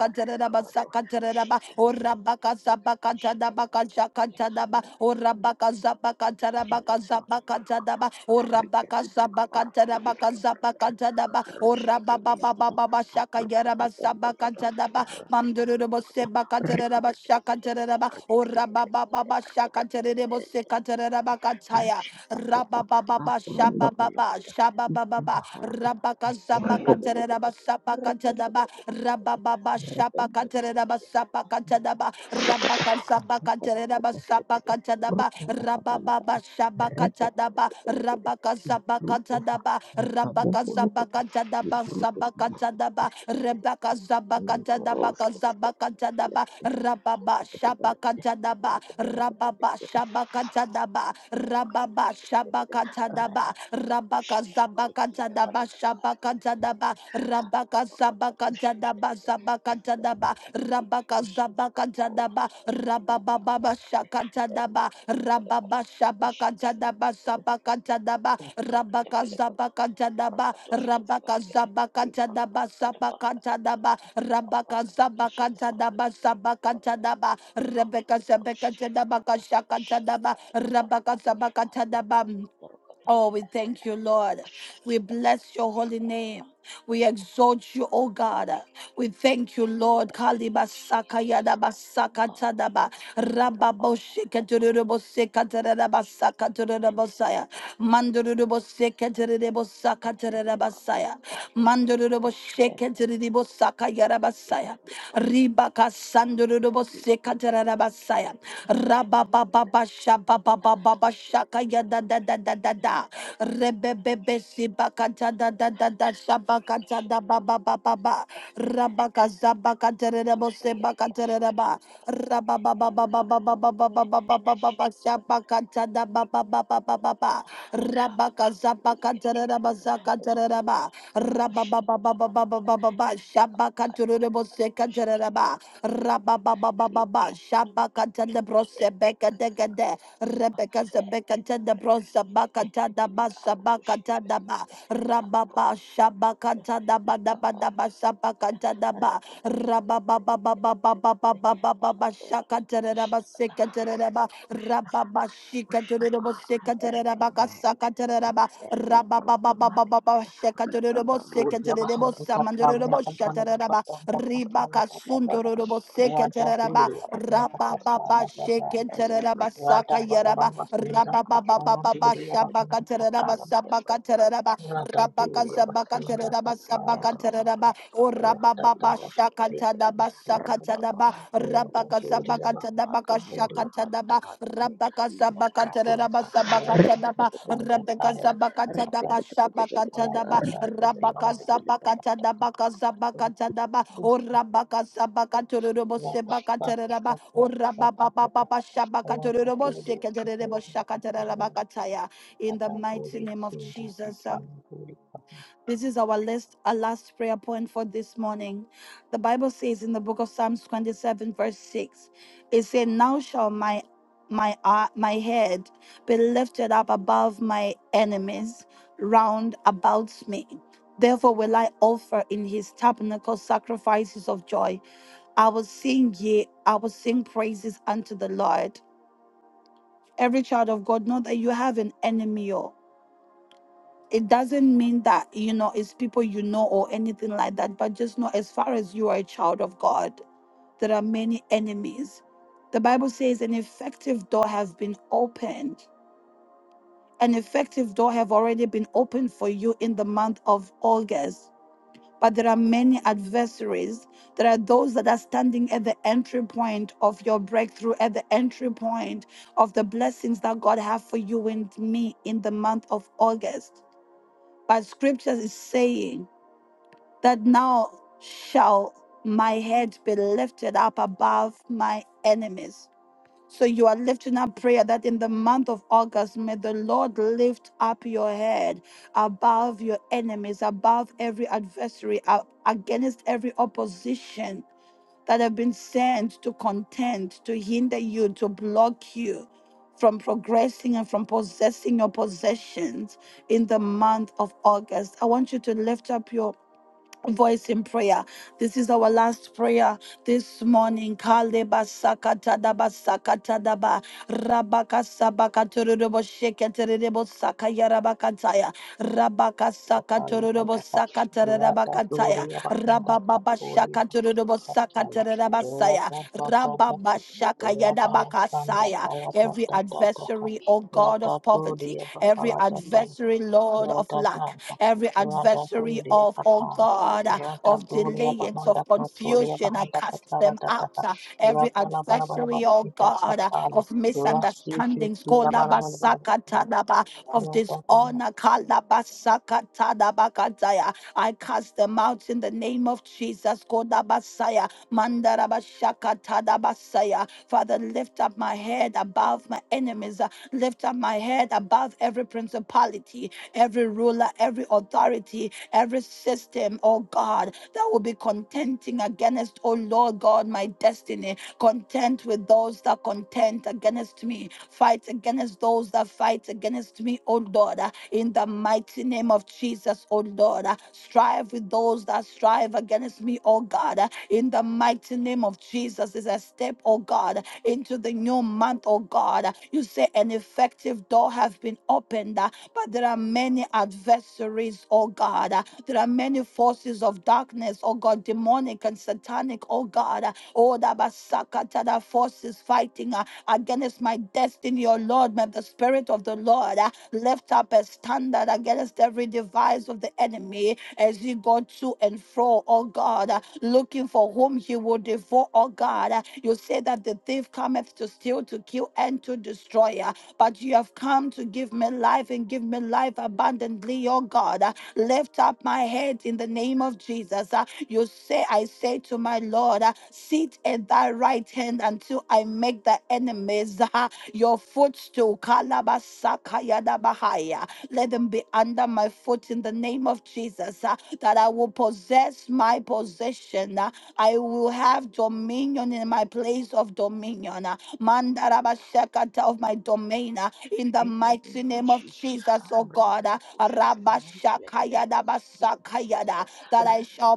S2: Are Kabado,
S1: basakatereba
S2: Shepherd,
S1: ora bakazabakatada
S2: Shepherd,
S1: bakashakatada ba ora
S2: Ratakado, Morkoto,
S1: bakazabakatada
S2: Elebron,
S1: bakazabakatada
S2: Morkoto,
S1: ba ora
S2: Harika di Pakapora,
S1: bakazabakatada
S2: Dibika Morkoto,
S1: bakazabakatada ba ora
S2: Kaharoski,
S1: baba baba
S2: Tebelekano,
S1: baba shakayera
S2: Aprokoto, Bombolodo,
S1: basabakatada
S2: Yaroto
S1: Mandurabo
S2: Komolokoto,
S1: Seba Kataraba
S2: Rikete,
S1: Shaka
S2: Belekete,
S1: Taraba, O
S2: Arkete,
S1: Rababa
S2: Belekete,
S1: Baba Shaka
S2: Arkete,
S1: Tarabo Seka
S2: Belekete,
S1: Taraba Kataya,
S2: Mishakakaba
S1: Rababa Baba
S2: aburonda
S1: Shaba Baba
S2: bolokoto
S1: Shaba Baba
S2: ikuharada
S1: Rabaka Zabaka
S2: ikurebelebele
S1: Taraba Sabaka
S2: rebelebelebele
S1: Rabababa Shapa Katereba
S2: rebelebelebele
S1: Sapa Katadaba
S2: amrakata
S1: Rabaka Sapa
S2: amrakata
S1: Katereba Sapa
S2: kuboshetebe
S1: Katadaba
S2: urbata kabalakata
S1: Rabababa Shapa Katadaba
S2: rebelebelebele
S1: Rabaka
S2: le
S1: Sapa
S2: rukova
S1: Katadaba
S2: le
S1: Rabaka Sapa
S2: kabobolokoto le
S1: Katadaba
S2: bruto
S1: Sapa
S2: kuboshetebe
S1: Katadaba Rebaka
S2: kushetebelebele
S1: Sapa Katadaba
S2: nendoroshketebe
S1: Sapa Katadaba
S2: rebelebelebele
S1: Rababa Shapa Katadaba
S2: rebelebelebele
S1: Rababa
S2: rebelebelebele
S1: Shapa Katadaba Rababa Shapa Katadaba Rabaka Sapa Katadaba Shapa Katadaba Rabaka Sabaka Jadaba Sabaka Jadaba Rabaka Zabaka Jadaba Rabababa Shaka Jadaba Rababa Shabaka
S2: Thank
S1: Jadaba
S2: you.
S1: Sabaka Jadaba
S2: Librakete
S1: Rabaka
S2: bele kapa,
S1: Zabaka Jadaba
S2: librakadosh kete bele
S1: Rabaka
S2: kete,
S1: Zabaka Jadaba
S2: librakakakada
S1: Sabaka
S2: barakada bele
S1: Jadaba
S2: kete,
S1: Rabaka
S2: abrakada
S1: Zabaka
S2: bashada barakada
S1: Jadaba
S2: bele kete
S1: Sabaka
S2: barakada
S1: Jadaba
S2: bele kete.
S1: Rebecca
S2: Holy
S1: Sabaka
S2: Ghost
S1: Jadabaka
S2: fire,
S1: Shaka
S2: shada
S1: Jadaba
S2: kate
S1: Rabaka
S2: kabarakadi,
S1: Sabaka Jadaba
S2: abrakada kabarakada,
S1: Oh, we thank you,
S2: erapa,
S1: Lord.
S2: ashada
S1: We
S2: kate
S1: bless
S2: barakadi,
S1: your holy name.
S2: ebrakadi,
S1: We
S2: oh,
S1: exalt you, O God. We
S2: kabede
S1: thank you,
S2: kete,
S1: Lord. Kalibasaka
S2: Jesus.
S1: yadabasaka tadaba.
S2: Aradaba, ika
S1: Rababoshika
S2: arakadaba, ete
S1: turubosika
S2: prokata
S1: tarabasaka
S2: pushkete berekete, ete
S1: turubosaya.
S2: prokata ika
S1: Mandurubosika
S2: arakata arakata
S1: turubosaka
S2: berekete, li prakata
S1: tarabasaya.
S2: pushkete berekete, em
S1: Manduruboshika
S2: prakata
S1: turubosaka
S2: prokata berekete,
S1: yarabasaya.
S2: li prakata prakata berekete,
S1: Ribaka
S2: li prakata
S1: sandurubosika
S2: prakata berekete,
S1: tarabasaya.
S2: ika ta ta ta
S1: Rabababa
S2: ta ta ta ta, ishete kete
S1: da
S2: prakata,
S1: da da da da da.
S2: ete
S1: Rebebebe
S2: pushete
S1: sibakata da da da da
S2: prakata
S1: shabakata da
S2: pushete
S1: ba ba
S2: berekete,
S1: ba ba ba. Rabaka zabakata rebo
S2: ika yete pushete prakata berekete, arate, eshete berekete,
S1: shabakata da ba ba ba ba ba ba ba. Rabaka zabakata reba zakata reba. Rabababababa, Shabaka Telebro Sebeka Degade, Rebecca Zebeka Telebro Sabaka Tadaba Sabaka Tadaba, Rababa Shabaka Tadaba Daba Daba Sabaka Tadaba, Rababababababababababa Shaka Tereba Rababa Shika Terebo Seka Rababababababa Shaka Terebo Seka Shatereba, ribaka sundorobo seketeraba rabababa
S2: Lebron
S1: sheketeraba
S2: kete
S1: saka
S2: pele kete,
S1: yaraba
S2: Ika brukul
S1: rabababa
S2: pushkita belegede,
S1: shabaka teraba
S2: kahan de
S1: sabaka
S2: brekete
S1: teraba rabaka zabaka
S2: Yibrakatabarabada,
S1: teraba sabaka teraba o
S2: Erokotobarabada,
S1: rabababa shakanta
S2: Yibroshkepelegedi,
S1: daba sakata daba
S2: Rababa. Oh,
S1: rabaka
S2: Jesus,
S1: zabaka
S2: que pato
S1: tadaba
S2: vura
S1: shaka tadaba
S2: hadikadele
S1: Rabaka
S2: kadiva
S1: Sabakata
S2: harapata.
S1: Raba Sabakata Daba, Rebecca
S2: Reteketeketekelekete,
S1: Sabakata Daba, Shabakata
S2: reteketeketekelekete,
S1: Daba,
S4: Rata
S1: Rabaka
S2: reteketeketekelekapa.
S1: Sabakata Dabaka Sabakata Daba, O Rabaka Sabakata Rubo Sebakata Raba, O Rababa Baba Shabakata Rubo Sekata Rebo Shakata Rabakataya. In the mighty name of Jesus, this is our last, our last prayer point for this morning. The Bible says in the book of Psalms 27, verse 6, it said, Now shall my my uh, my head be lifted up above my enemies round about me. Therefore will I offer in his tabernacle sacrifices of joy. I will sing ye, I will sing praises unto the Lord. Every child of God, know that you have an enemy. oh it doesn't mean that you know it's people you know or anything like that but just know as far as you are a child of god there are many enemies the bible says an effective door have been opened an effective door have already been opened for you in the month of august but there are many adversaries there are those that are standing at the entry point of your breakthrough at the entry point of the blessings that god have for you and me in the month of august but scripture is saying that now shall my head be lifted up above my enemies. So you are lifting up prayer that in the month of August, may the Lord lift up your head above your enemies, above every adversary, a- against every opposition that have been sent to contend, to hinder you, to block you from progressing and from possessing your possessions in the month of August. I want you to lift up your voice in prayer. This is our last prayer this morning. Kaleba sakatadaba sakatadaba rabaka sabaka sheketerebo sakayarabakataya rabaka sakaturubo sakatarabakataya rababa shakaturubo sakatarabasaya rababa shakayadabakasaya. Every adversary, O God of poverty, every adversary, Lord of lack,
S4: Rodadada,
S1: Every adversary
S4: Radaduria
S1: of, oh
S4: Katana,
S1: God, uh, of
S4: Radaduria
S1: delayance,
S4: Bahanda
S1: of
S4: Katuria
S1: confusion, I
S4: Bahanda
S1: cast
S4: Katala
S1: them
S4: Dada,
S1: out. uh, Every
S4: Rabala Balabala
S1: adversary, oh God, uh,
S4: Katana,
S1: of
S4: Rasi
S1: misunderstandings,
S4: Shia Balabala Radadana.
S1: kolabasakatadaba, of dishonor, kalabasakatadabakataya, I cast them out in the name of Jesus. Kodabasaya, mandarabashakatadabasaya. Father, lift up my head above my enemies. uh, Lift up my head above every principality every ruler, every authority, every system, oh God, that will be contending against, oh Lord God, my destiny. Contend with those that contend against me. Fight against those that fight against me, oh Lord, uh, in the mighty name of Jesus, oh Lord. uh, Strive with those that strive against me, oh God, uh, in the mighty name of Jesus. Is a step, oh God, into the new month, oh God. You say an effective door have been opened. uh, but there are many adversaries, oh God. Uh, There are many forces of darkness, oh God, demonic and satanic, oh God. Uh, Oh, that basakata, that forces fighting uh, against my destiny, oh Lord. May the Spirit of the Lord uh, lift up a standard against every device of the enemy as he go to and fro, oh God, uh, looking for whom he will devour, oh God. Uh, You say that the thief cometh to steal, to kill, and to destroy. uh, but you have come to give me life and give me life abundantly, oh God. Uh, Lift up my head in the name of Jesus. Uh, You say, I say to my Lord, uh, sit at thy right hand until I make the enemies uh, your footstool. Kalabasakayadabahaya. Let them be under my foot in the name of Jesus, uh, that I will possess my possession. uh, I will have dominion in my place of dominion. Mandarabashakata of my domain uh, in the
S2: In the name
S1: mighty
S2: of
S1: name of
S2: Jesus,
S1: Jesus, oh
S2: Amrika
S1: God. uh,
S2: Takusha Takamari Yadabalaka
S1: Rabashakayadabasakayada, That I shall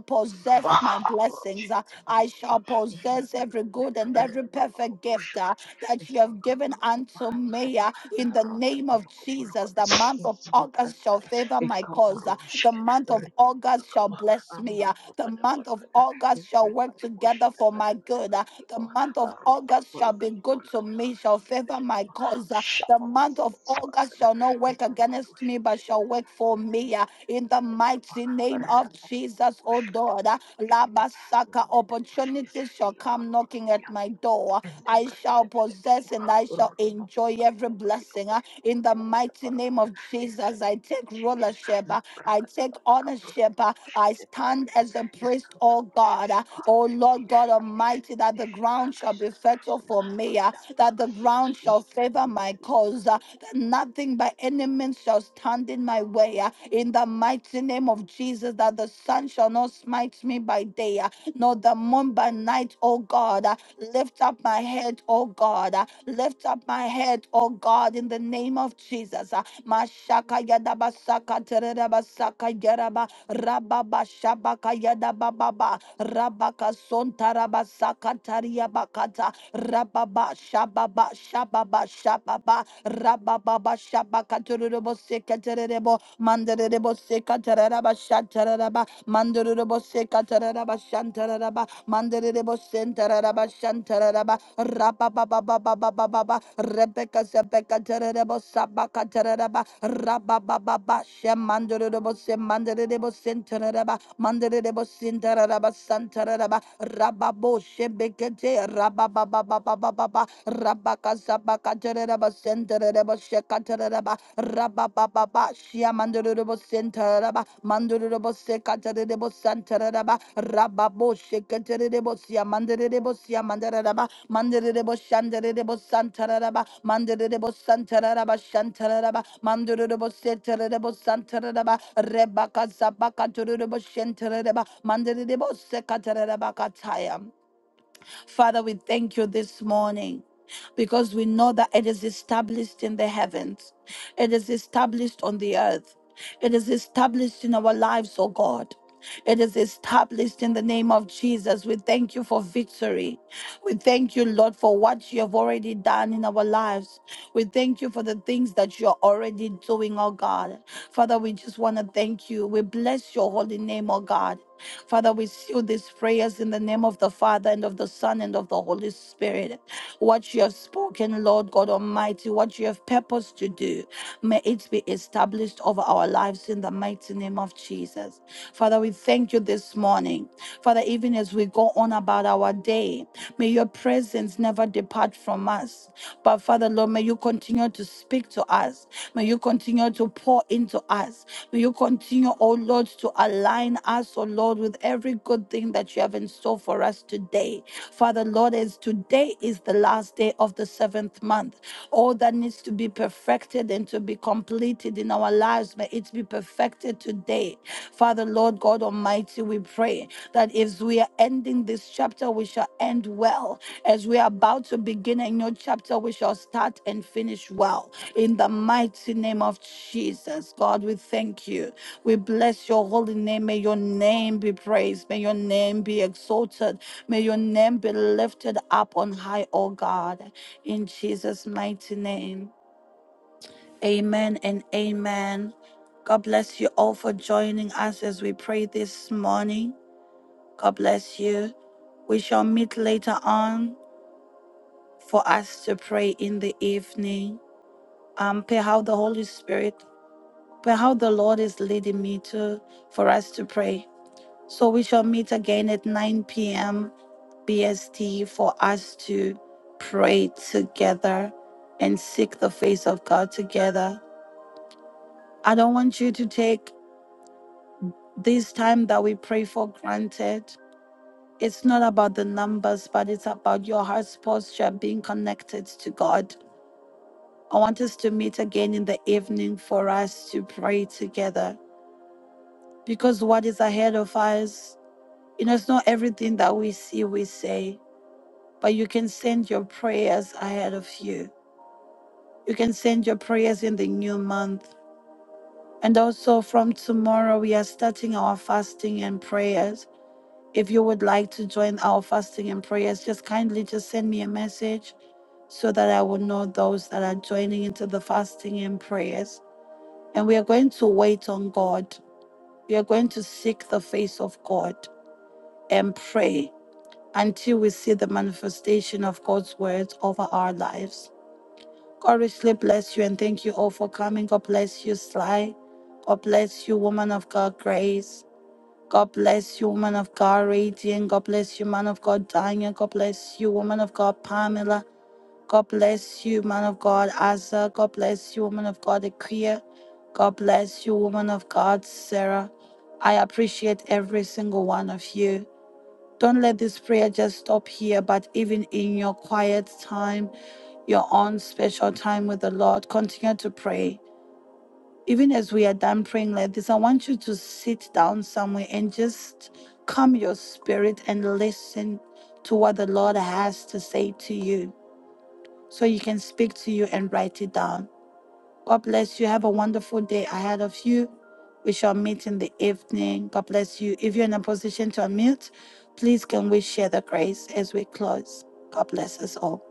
S2: Shut
S1: possess my blessings. uh, I shall possess every good and every perfect gift uh, that you have given unto me uh, in the name of Jesus. The month of August shall favor my cause. uh, The month of August shall bless me. uh, The month of August shall work together for my good. uh, the month of August shall be good to me, shall favor my cause. Uh, The month of August shall not work against me, but shall work for me. uh, In the
S2: up.
S1: mighty
S2: In the
S1: name of
S2: name of Jesus, I
S1: Jesus,
S2: stand
S1: oh Lord. Uh, Labasaka,
S2: firm on the
S1: opportunities shall come knocking at my door. I shall possess and I shall enjoy
S2: rock.
S1: every blessing. uh, In the mighty name of Jesus, I take rulership. uh, I take ownership. uh, I stand as a priest, oh God. O Lord God Almighty, that the ground shall be fertile for me, ah, that the ground shall favor my cause, ah, that nothing by any means shall stand in my way. ah, In the mighty name of Jesus, that the sun shall not smite me by day, ah, nor the moon by night, O God. ah. Lift up my head, O God. ah. Lift up my head, O God, in the name of Jesus. ah. Mashaka yadabasaka teredabasaka yeraba Rababa Shabaka Yada Bababa Rabaka Sontaraba Sakataria Bakata Rababa Shababa Shababa Shababa Rababa Shabaka Turubo Sekaterebo Mandarebo Sekataraba Shataraba Mandarebo Sekataraba Shantaraba Manderebo Sentaraba Shantaraba Rapa Baba Baba Baba Baba Rebecca Zebecca Terebo Sabaka Tereba Rapa Baba Basha Manderebo Semanderebo Sentaraba Manderebo Sintaraba Santaraba Rababo Shebekete Rapa Baba Baba Baba Rabaka Sabaka Tereba Sentareba Shekatereba Rabababa, Shia Mandurubo Centeraba, Mandurubo Secaterebo Santaraba, Rababo Secaterebo Sia Mandarebo Sia Mandaraba, Mandarebo Shandarebo Santaraba, Mandarebo Santaraba Shantaraba, Mandurubo Seterebo Santaraba, Rebaka Zabaka Turubo Shantaraba, Mandarebo Secataraba Kataya. Father, we thank you this morning because we know that it is established in the heavens, it is established on the earth, it is established in our lives, oh God. It is established in the name of Jesus. We thank you for victory. We thank you, Lord, for what you have already done in our lives. We thank you for the things that you're already doing, oh God. Father, we just want to thank you. We bless your holy name, oh God. Father, we seal these prayers in the name of the Father and of the Son and of the Holy Spirit. What you have spoken, Lord God Almighty, what you have purposed to do, may it be established over our lives in the mighty name of Jesus. Father, we thank you this morning. Father, even as we go on about our day, may your presence never depart not depart from us. But Father, Lord, may you continue to speak to us. May you continue to pour into us. May you continue, oh Lord, to align us, oh Lord, with every good thing that you have in store for us today. Father, Lord, as today is the last day of the seventh month, all that needs to be perfected and to be completed in our lives, may it be perfected today. Father, Lord, God Almighty, we pray that as we are ending this chapter, we shall end well. As we are about to begin a new chapter, we shall start and finish well. In the mighty name of Jesus, God, we thank you. We bless your holy name. May your name be praised. May your name be exalted. May your name be lifted up on high, O God. In Jesus' mighty name. Amen and amen. God bless you all for joining us as we pray this morning. God bless you. We shall meet later on for us to pray in the evening. Um, pray how the Holy Spirit, pray how the Lord is leading me to for us to pray. So we shall meet again at 9 p.m. BST for us to pray together and seek the face of God together. I don't want you to take this time that we pray for granted. It's not about the numbers, but it's about your heart's posture being connected to God. I want us to meet again in the evening for us to pray together because what is ahead of us, you know, it's not everything that we see, we say, but you can send your prayers ahead of you. You can send your prayers in the new month. And also from tomorrow, we are starting our fasting and prayers. If you would like to join our fasting and prayers, just kindly just send me a message so that I will know those that are joining into the fasting and prayers. And we are going to wait on God. We are going to seek the face of God and pray until we see the manifestation of God's words over our lives. God richly bless you and thank you all for coming. God bless you, Sly. God bless you, woman of God, Grace. God bless you, woman of God, Radiant. God bless you, man of God, Daniel. God bless you, woman of God, Pamela. God bless you, man of God, Asa. God bless you, woman of God, Ikea. God bless you, woman of God, Sarah. I appreciate every single one of you. Don't let this prayer just stop here, but even in your quiet time, your own special time with the Lord, continue to pray even as we are done praying like this, I want you to sit down somewhere and just calm your spirit and listen to what the Lord has to say to you so you can speak to you and write it down. God bless you. Have a wonderful day ahead of you. We shall meet in the evening. God bless you. If you're in a position to unmute, please can we share the grace as we close? God bless us all.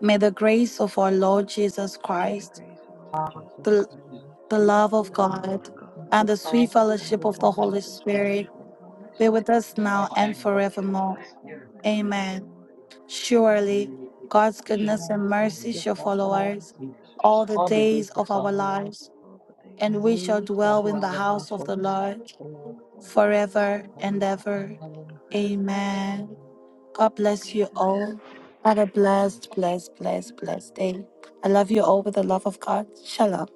S1: May the grace of our Lord Jesus
S2: May the
S1: Christ
S2: grace of our Lord Jesus
S1: the
S2: Christ,
S1: the love
S2: the
S1: of
S2: love of
S1: God,
S2: God
S4: This
S1: and the sweet
S4: cause to come
S1: fellowship
S4: with
S1: of
S2: and
S1: the
S2: the
S4: one
S1: Holy
S2: sweet
S4: for
S1: Spirit
S2: fellowship of the Holy
S1: be with
S2: Spirit
S1: us now and
S4: and blood.
S2: be with
S1: forevermore.
S2: us now and
S1: Amen.
S2: forevermore. Amen.
S1: Surely God's goodness
S2: Surely,
S1: and mercy shall follow
S2: goodness
S1: us
S2: and mercy
S1: all
S2: shall
S1: the
S4: All the
S2: follow us
S1: days
S4: days to
S1: of our
S4: come.
S1: lives,
S2: all the days
S1: and we
S2: of our
S1: shall
S4: They
S2: lives,
S4: shall
S1: dwell in the
S4: dwell
S2: and
S4: in the
S2: we
S4: house
S1: house of
S4: of
S2: shall
S1: the
S4: the
S2: dwell
S1: Lord
S4: Lord
S2: in the house of the Lord
S1: forever and
S4: forever
S1: ever.
S4: and
S2: forever.
S1: Amen.
S4: ever.
S1: God bless
S2: Amen.
S1: you all. Have a blessed, blessed, blessed, blessed day. I love you all with the love of God. Shalom.